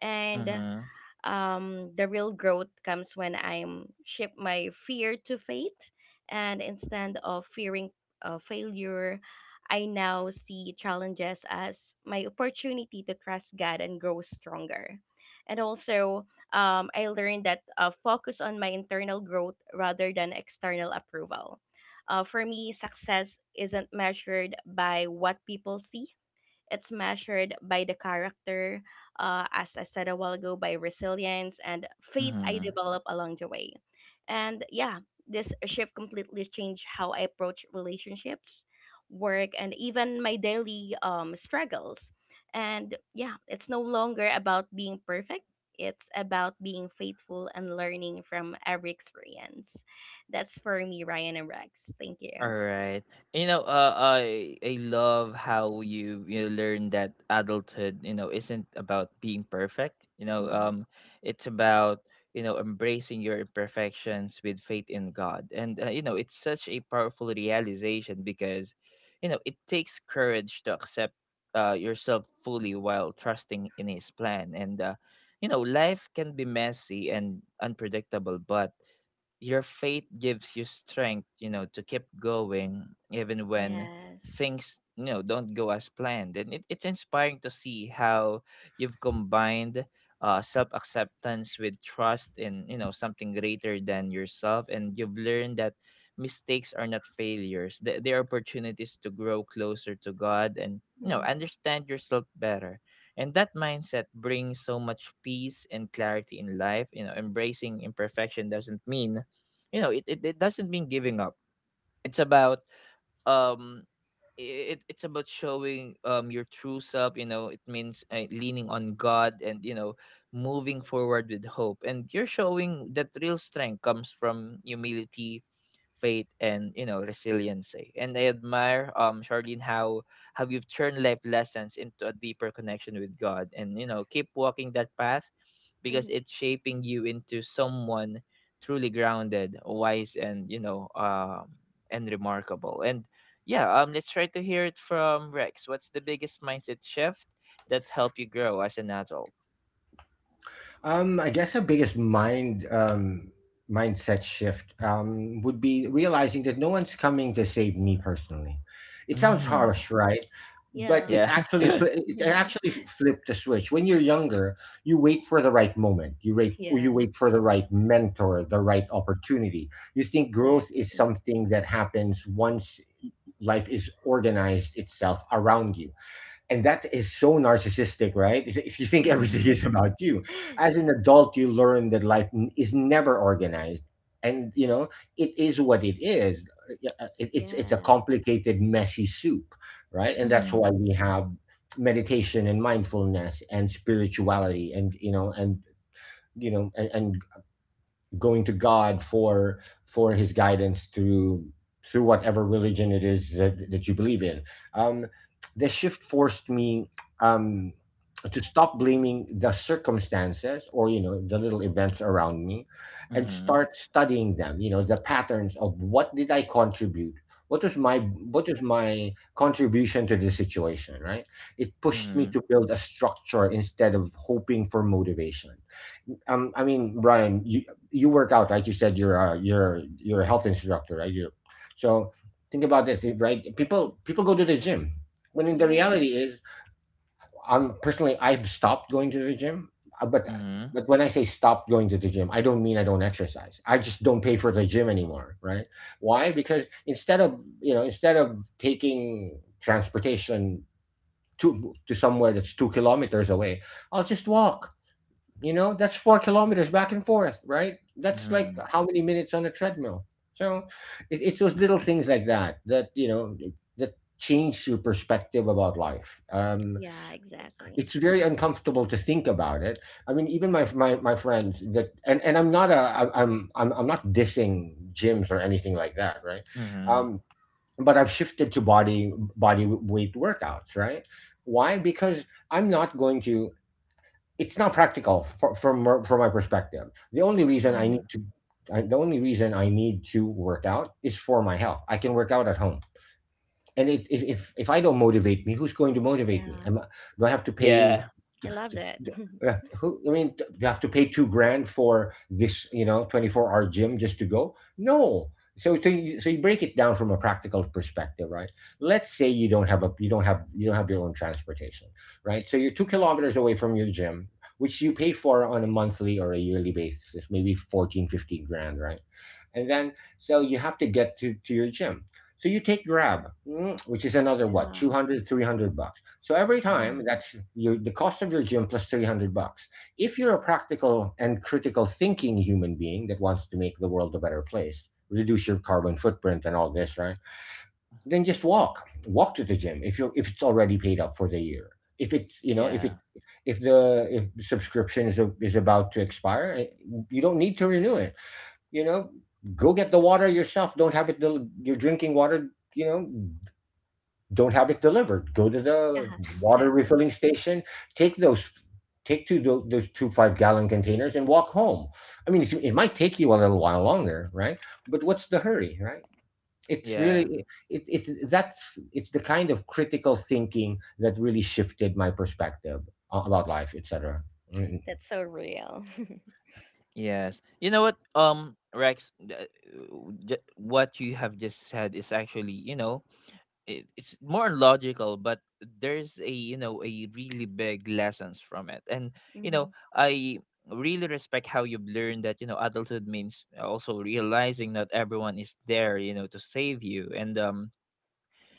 B: And
A: Mm-hmm.
B: the real growth comes when I'm shift my fear to faith, and instead of fearing failure, I now see challenges as my opportunity to trust God and grow stronger. And also, I learned that focus on my internal growth rather than external approval. For me, success isn't measured by what people see, it's measured by the character, as I said a while ago, by resilience and faith I
A: Mm-hmm.
B: develop along the way. And yeah, this shift completely changed how I approach relationships, work, and even my daily struggles. And yeah, it's no longer about being perfect. It's about being faithful and learning from every experience. That's for me, Ryan and Rex. Thank
A: All
B: you.
A: right. You know, I love how you learn that adulthood, you know, isn't about being perfect. You know,
B: Mhm.
A: it's about, you know, embracing your imperfections with faith in God. And you know, it's such a powerful realization because, you know, it takes courage to accept yourself fully while trusting in His plan. And you know, life can be messy and unpredictable, but your faith gives you strength, you know, to keep going even when
B: Yes.
A: things, you know, don't go as planned. It's inspiring to see how you've combined self acceptance with trust in, you know, something greater than yourself. And you've learned that mistakes are not failures, they are opportunities to grow closer to God and, you know,
B: Mhm.
A: understand yourself better. And that mindset brings so much peace and clarity in life. You know, embracing imperfection doesn't mean, you know, it doesn't mean giving up. It's about um it's about showing your true self. You know, it means leaning on God, and you know, moving forward with hope. And you're showing that real strength comes from humility, faith, and you know, resiliency. And I admire, Charlene, how you've turned life lessons into a deeper connection with God, and you know, keep walking that path because
B: Mhm.
A: it's shaping you into someone truly grounded, wise, and you know, and remarkable. And yeah, let's try to hear it from Rex. What's the biggest mindset shift that helped you grow as an adult?
C: I guess the biggest mindset shift would be realizing that no one's coming to save me personally. It sounds
A: Mm,
C: harsh, right? But
B: Yeah.
C: it
A: yeah.
C: actually flipped the switch. When you're younger, you wait for the right moment. You wait, or you
B: Yes,
C: wait for the right mentor, the right opportunity. You think growth is
B: exactly.
C: something that happens once life is organized itself around you, and that is so narcissistic, right? If you think
B: Hmm.
C: everything is
A: Mm-hmm,
C: about you, as an adult, you learn that life is never organized, and you know it is what it is. Yeah, it's a
B: Yes.
C: complicated, messy soup, right? And that's why we have meditation and mindfulness and spirituality, and you know, and, and going to God for His guidance through whatever religion it is that you believe in. Um, the shift forced me, um, to stop blaming the circumstances or the little events around me, and
A: mm-hmm,
C: start studying them. You know, the patterns of what did I contribute. What was my, contribution to the situation, right? It pushed me
A: mm-hmm,
C: to build a structure instead of hoping for motivation. I mean, Brian, you work out, right? You said you're a health instructor, right? You so think about this, right? People go to the gym, when in the
B: Yeah.
C: reality is, I'm personally, I've stopped going to the gym, but
A: mm-hmm,
C: but when I say stop going to the gym, I don't mean I don't exercise. I just don't pay for the gym anymore, right? Why? Because instead of, instead of taking transportation to somewhere that's 2 kilometers away, I'll just walk. You know, that's 4 kilometers back and forth, right? That's
A: mm-hmm,
C: like
A: mm-hmm,
C: how many minutes on a treadmill. So it's those little things like that, that change your perspective about life.
B: Yeah, exactly.
C: It's very uncomfortable to think about it. I mean, even my my friends and I'm not a, I- I'm not dissing gyms or anything like that, right?
A: mm-hmm.
C: Um, but I've shifted to body weight workouts, right? Why? Because I'm not going to it's not practical for, from my perspective. The only reason I need
A: Mm-hmm.
C: to I, the only reason I need to work out is for my health. I can work out at home, and if I don't motivate me, who's going to motivate me?
B: Yeah.
C: Do I have to pay?
A: Yeah.
B: I love that.
C: Yeah, who I mean, you have to pay 2 grand for this, 24-hour gym just to go. No, so you break it down from a practical perspective, right? Let's say you don't have a you don't have your own transportation, right? So you're 2 kilometers away from your gym, which you pay for on a monthly or a yearly basis, maybe 14, 15 grand, right? And then so you have to get to, your gym, so you take grab, which is another what,
B: Yeah.
C: 200, 300 bucks, so every
A: Mm,
C: time that's your the cost of your gym plus 300 bucks if you're a practical and critical thinking human being that wants to make the world a better place, reduce your carbon footprint and all this, right? Then just walk to the gym if you if it's already paid up for the year. if it's you know if it
A: yeah.
C: if the if the subscription is about to expire, you don't need to renew it. You know, go get the water yourself. Don't have it you're drinking water, you know don't have it delivered. Go to
B: Yeah,
C: the water
B: exactly.
C: refilling station. Take those, those two 5-gallon containers and walk home. I mean, it might take you a little while longer, right? But what's the hurry, right? it's
A: Yeah.
C: really it, it that's it's the kind of critical thinking that really shifted my perspective about life, etc.
B: That's so real.
A: Yes. You know what? Rex, what you have just said is actually, you know, it's more logical, but there's a, you know, a really big lessons from it. And you
B: Hmm.
A: know, I really respect how you've learned that, you know, adulthood means also realizing not everyone is there, you know, to save you. And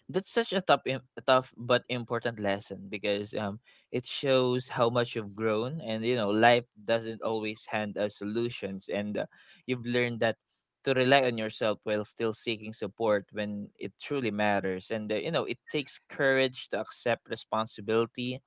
A: that's such a tough, a tough but important lesson because, it shows how much you've grown. And you know, life doesn't always hand us solutions. And you've learned that to rely on yourself while still seeking support when it truly matters. And you know, it takes courage to accept responsibility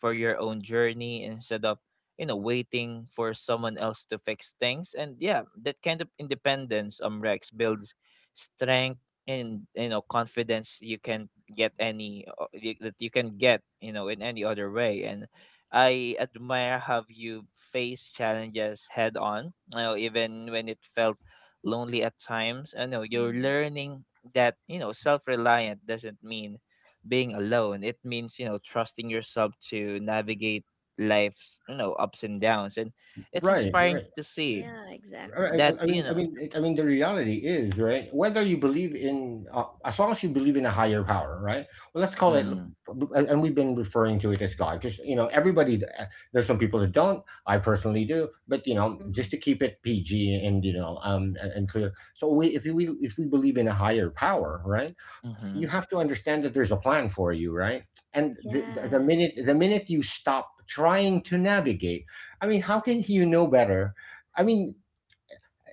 A: for your own journey instead of, you know, waiting for someone else to fix things. And yeah, that kind of independence, Rex, builds strength and, you know, confidence you can get any that you can get, you know, in any other way. And I admire how you face challenges head on, you know, even when it felt lonely at times. I know you're
B: Hmm.
A: learning that, you know, self-reliant doesn't mean being alone. It means, you know, trusting yourself to navigate life's, you know, ups and downs. And it's
C: Right,
A: inspiring
C: right.
A: to see
B: Yeah,
C: I, I
B: exactly.
A: that,
C: I mean,
A: you
C: I
A: know,
C: mean, I mean, the reality is, right? Whether you believe in, as long as you believe in a higher power, right? Well, let's call it,
A: mm-hmm,
C: and we've been referring to it as God, because everybody. There's some people that don't. I personally do, but
B: Mm-hmm.
C: just to keep it PG and clear. So, if we believe in a higher power, right?
A: mm-hmm,
C: You have to understand that there's a plan for you, right? And
B: Yes.
C: the minute you stop trying to navigate. I mean, how can you know better? I mean,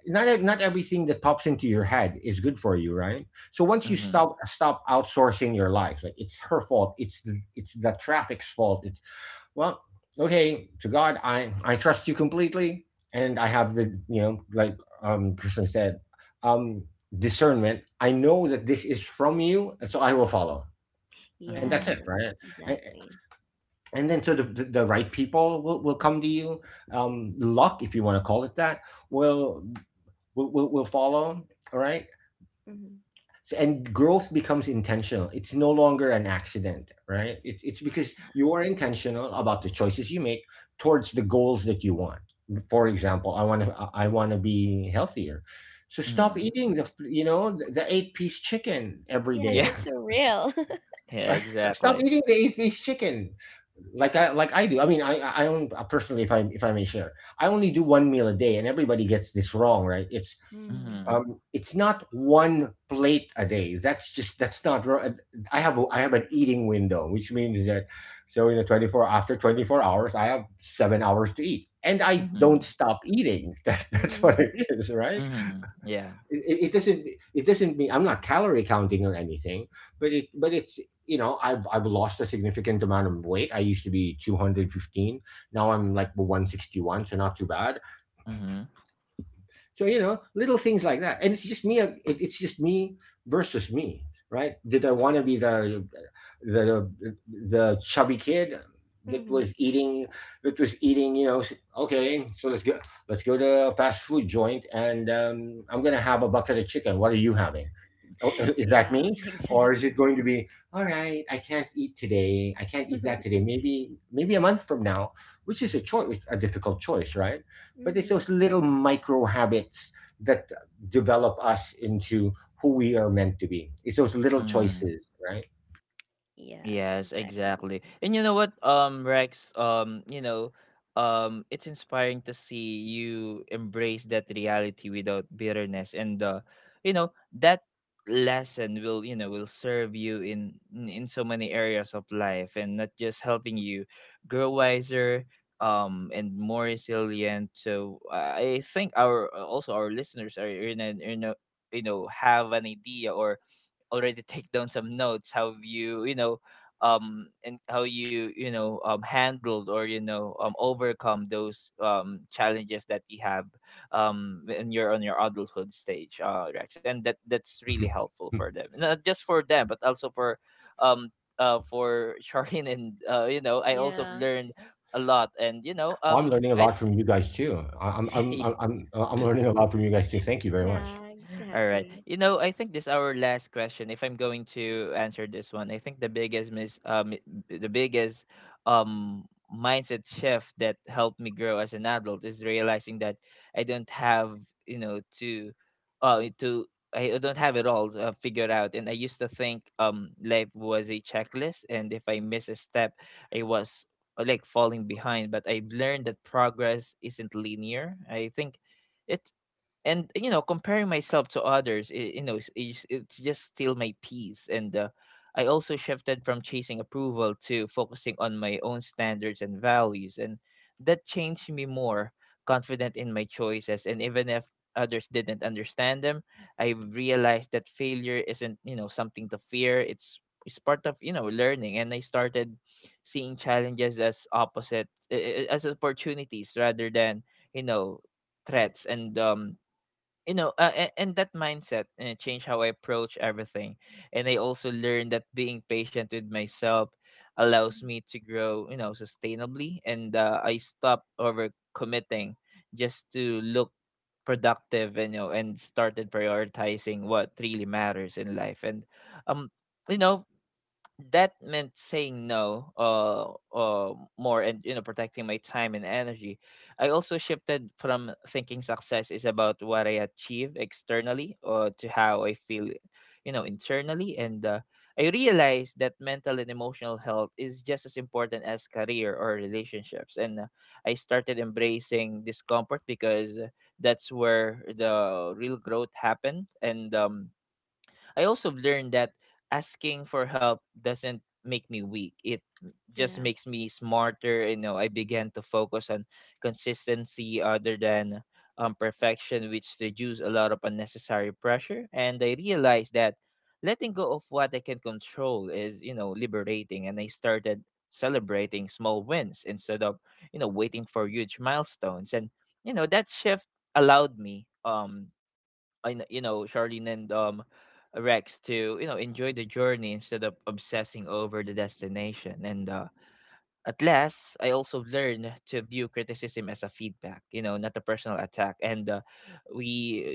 C: not everything that pops into your head is good for you, right? So once you
A: mm-hmm,
C: stop outsourcing your life, like it's her fault, it's the traffic's fault. It's, well, okay, to God, I trust you completely, and I have the, like, Kristen said, um discernment. I know that this is from you, and so I will follow. And that's
A: mm-hmm,
C: it,
B: Yes,
C: right? And,
B: exactly.
C: and then so the right people will, come to you. Luck, if you want to call it that, will will follow. All right.
B: Hmm.
C: So, and growth becomes intentional. It's no longer an accident, right? It's because you are intentional about the choices you make towards the goals that you want. For example, I want to be healthier. So stop
A: mm-hmm.
C: eating the, eight-piece chicken every
B: Yeah,
A: Yeah.
B: that's
C: day,
B: so real.
A: Yeah,
C: right? Stop
A: exactly.
C: eating the eight-piece chicken, like I do. I mean, I I own personally, if I may share, I only do one meal a day, and everybody gets this wrong, right?
B: Mm-hmm.
A: Mhm.
C: It's not one plate a day. That's just, that's not. I have a, I have an eating window, which means that, so in a twenty four after 24 hours, I have 7 hours to eat, and I don't
A: Mhm.
C: stop eating. That's what
B: Hmm.
C: it is, right?
A: Mhm. Yeah.
C: It it doesn't mean I'm not calorie counting or anything, but it but it's you know I've lost a significant amount of weight. I used to be 215, now I'm like 161, so not too bad.
A: Mhm.
C: So you know, little things like that, and it's just me. It's just me versus me, right? Did I want to be the the chubby kid that
B: Hmm.
C: was eating that was eating? You know, okay, so let's go to a fast food joint, and I'm gonna have a bucket of chicken. What are you having? Oh, is that
B: Yeah,
C: me, or is it
B: exactly.
C: going to be, all right, I can't eat today. I can't eat that today. Maybe a month from now, which is a choice, a difficult choice, right? But it's
B: Hmm.
C: those little micro habits that develop us into who we are meant to be. It's those little
A: Mhm.
C: choices, right?
B: Yes,
A: Yes,
B: exactly.
A: exactly. And you know what, Rex, you know, it's inspiring to see you embrace that reality without bitterness. And you know, that lesson will, you know, will serve you in so many areas of life, and not just helping you grow wiser, and more resilient. So I think our also our listeners are in a, you know, have an idea or already take down some notes. Have you, you know, and how you, you know, handled or, you know, overcome those challenges that you have when you're on your adulthood stage, Rex. And that that's really helpful for them, not just for them, but also um for Charlene. And you know, I also
B: Yeah.
A: learned a lot. And you know,
C: I'm learning a
A: I
C: lot from you guys too. I'm learning a lot from you guys too. Thank you very
B: Yeah,
C: much.
A: All right.
B: exactly.
A: You know, I think this our last question. If I'm going to answer this one, I think the biggest mis the biggest um mindset shift that helped me grow as an adult is realizing that I don't have, you know, to I don't have it all figured out. And I used to think life was a checklist, and if I miss a step, I was like, falling behind. But I learned that progress isn't linear. I think it, and you know, comparing myself to others, I, you know, it's just still my peace. And I also shifted from chasing approval to focusing on my own standards and values. And that changed me more confident in my choices, and even if others didn't understand them, I realized that failure isn't, you know, something to fear. It's part of, you know, learning. And I started seeing challenges as as opportunities rather than, you know, threats. And you know, and that mindset changed how I approach everything. And I also learned that being patient with myself allows me to grow, you know, sustainably. And I stopped overcommitting just to look productive, and you know, and started prioritizing what really matters in life. And um you know, that meant saying no, more, and you know, protecting my time and energy. I also shifted from thinking success is about what I achieve externally, or to how I feel, you know, internally. And I realized that mental and emotional health is just as important as career or relationships. And I started embracing discomfort because that's where the real growth happened. And I also learned that asking for help doesn't make me weak. It just makes
B: Yes.
A: me smarter. You know, I began to focus on consistency other than, perfection, which reduced a lot of unnecessary pressure. And I realized that letting go of what I can control is, you know, liberating. And I started celebrating small wins instead of, you know, waiting for huge milestones. And, you know, that shift allowed me you know, Charlene and Rex, to, you know, enjoy the journey instead of obsessing over the destination. And at last, I also learned to view criticism as a feedback, you know, not a personal attack. And we,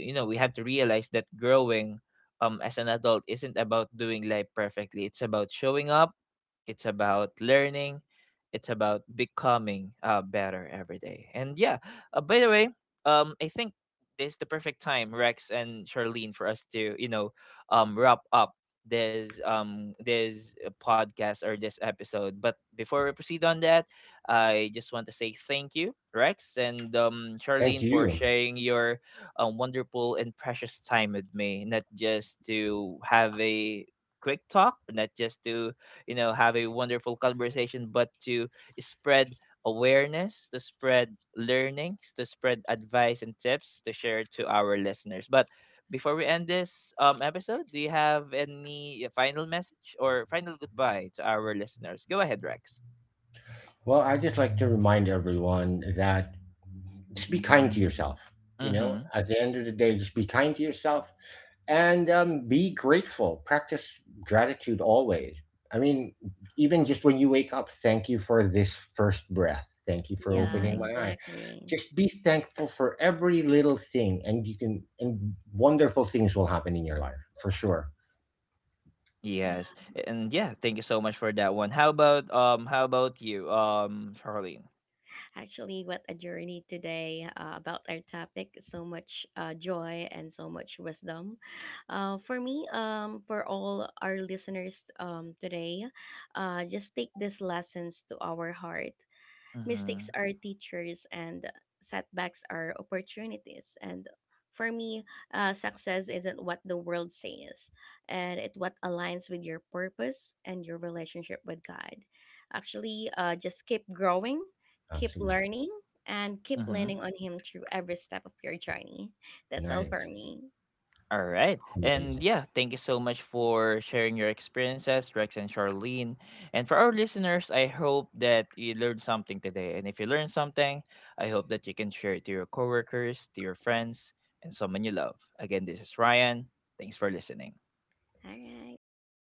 A: you know, we have to realize that growing as an adult isn't about doing life perfectly. It's about showing up, it's about learning, it's about becoming, better every day. And yeah, by the way, I think this is the perfect time, Rex and Charlene, for us to, you know, wrap up this podcast or this episode. But before we proceed on that, I just want to say thank you, Rex and
C: Thank
A: Charlene, for
C: you.
A: sharing your wonderful and precious time with me, not just to have a quick talk, not just to, you know, have a wonderful conversation, but to spread awareness, to spread learnings, to spread advice and tips to share to our listeners. But before we end this episode, do you have any final message or final goodbye to our listeners? Go ahead, Rex.
C: Well, I just like to remind everyone that just be kind to yourself. You know,
A: Mm-hmm.
C: at the end of the day, just be kind to yourself. And be grateful. Practice gratitude always. I mean, even just when you wake up, thank you for this first breath. Thank you for
B: Yeah,
C: opening
A: Mm-hmm.
C: my eye.
B: exactly.
C: Just be thankful for every little thing, and you can, and wonderful things will happen in your life for sure.
B: Yeah.
A: Yes. And yeah, thank you so much for that one. How about you, Charlene?
B: Actually, what a journey today, about our topic. So much joy and so much wisdom. For me, for all our listeners today, just take these lessons to our heart.
A: Mm-hmm.
B: Mistakes are teachers and setbacks are opportunities. And for me, success isn't what the world says, and it's what aligns with your purpose and your relationship with God. Actually, just keep growing, keep
C: Absolutely.
B: learning, and keep leaning
A: Mm-hmm.
B: on Him through every step of your journey. That's all for
C: Nice.
B: me.
A: All right. And
C: Amazing.
A: yeah, thank you so much for sharing your experiences, Rex and Charlene. And for our listeners, I hope that you learned something today. And if you learned something, I hope that you can share it to your coworkers, to your friends, and someone you love. Again, this is Ryan. Thanks for listening.
B: All right. Thank you.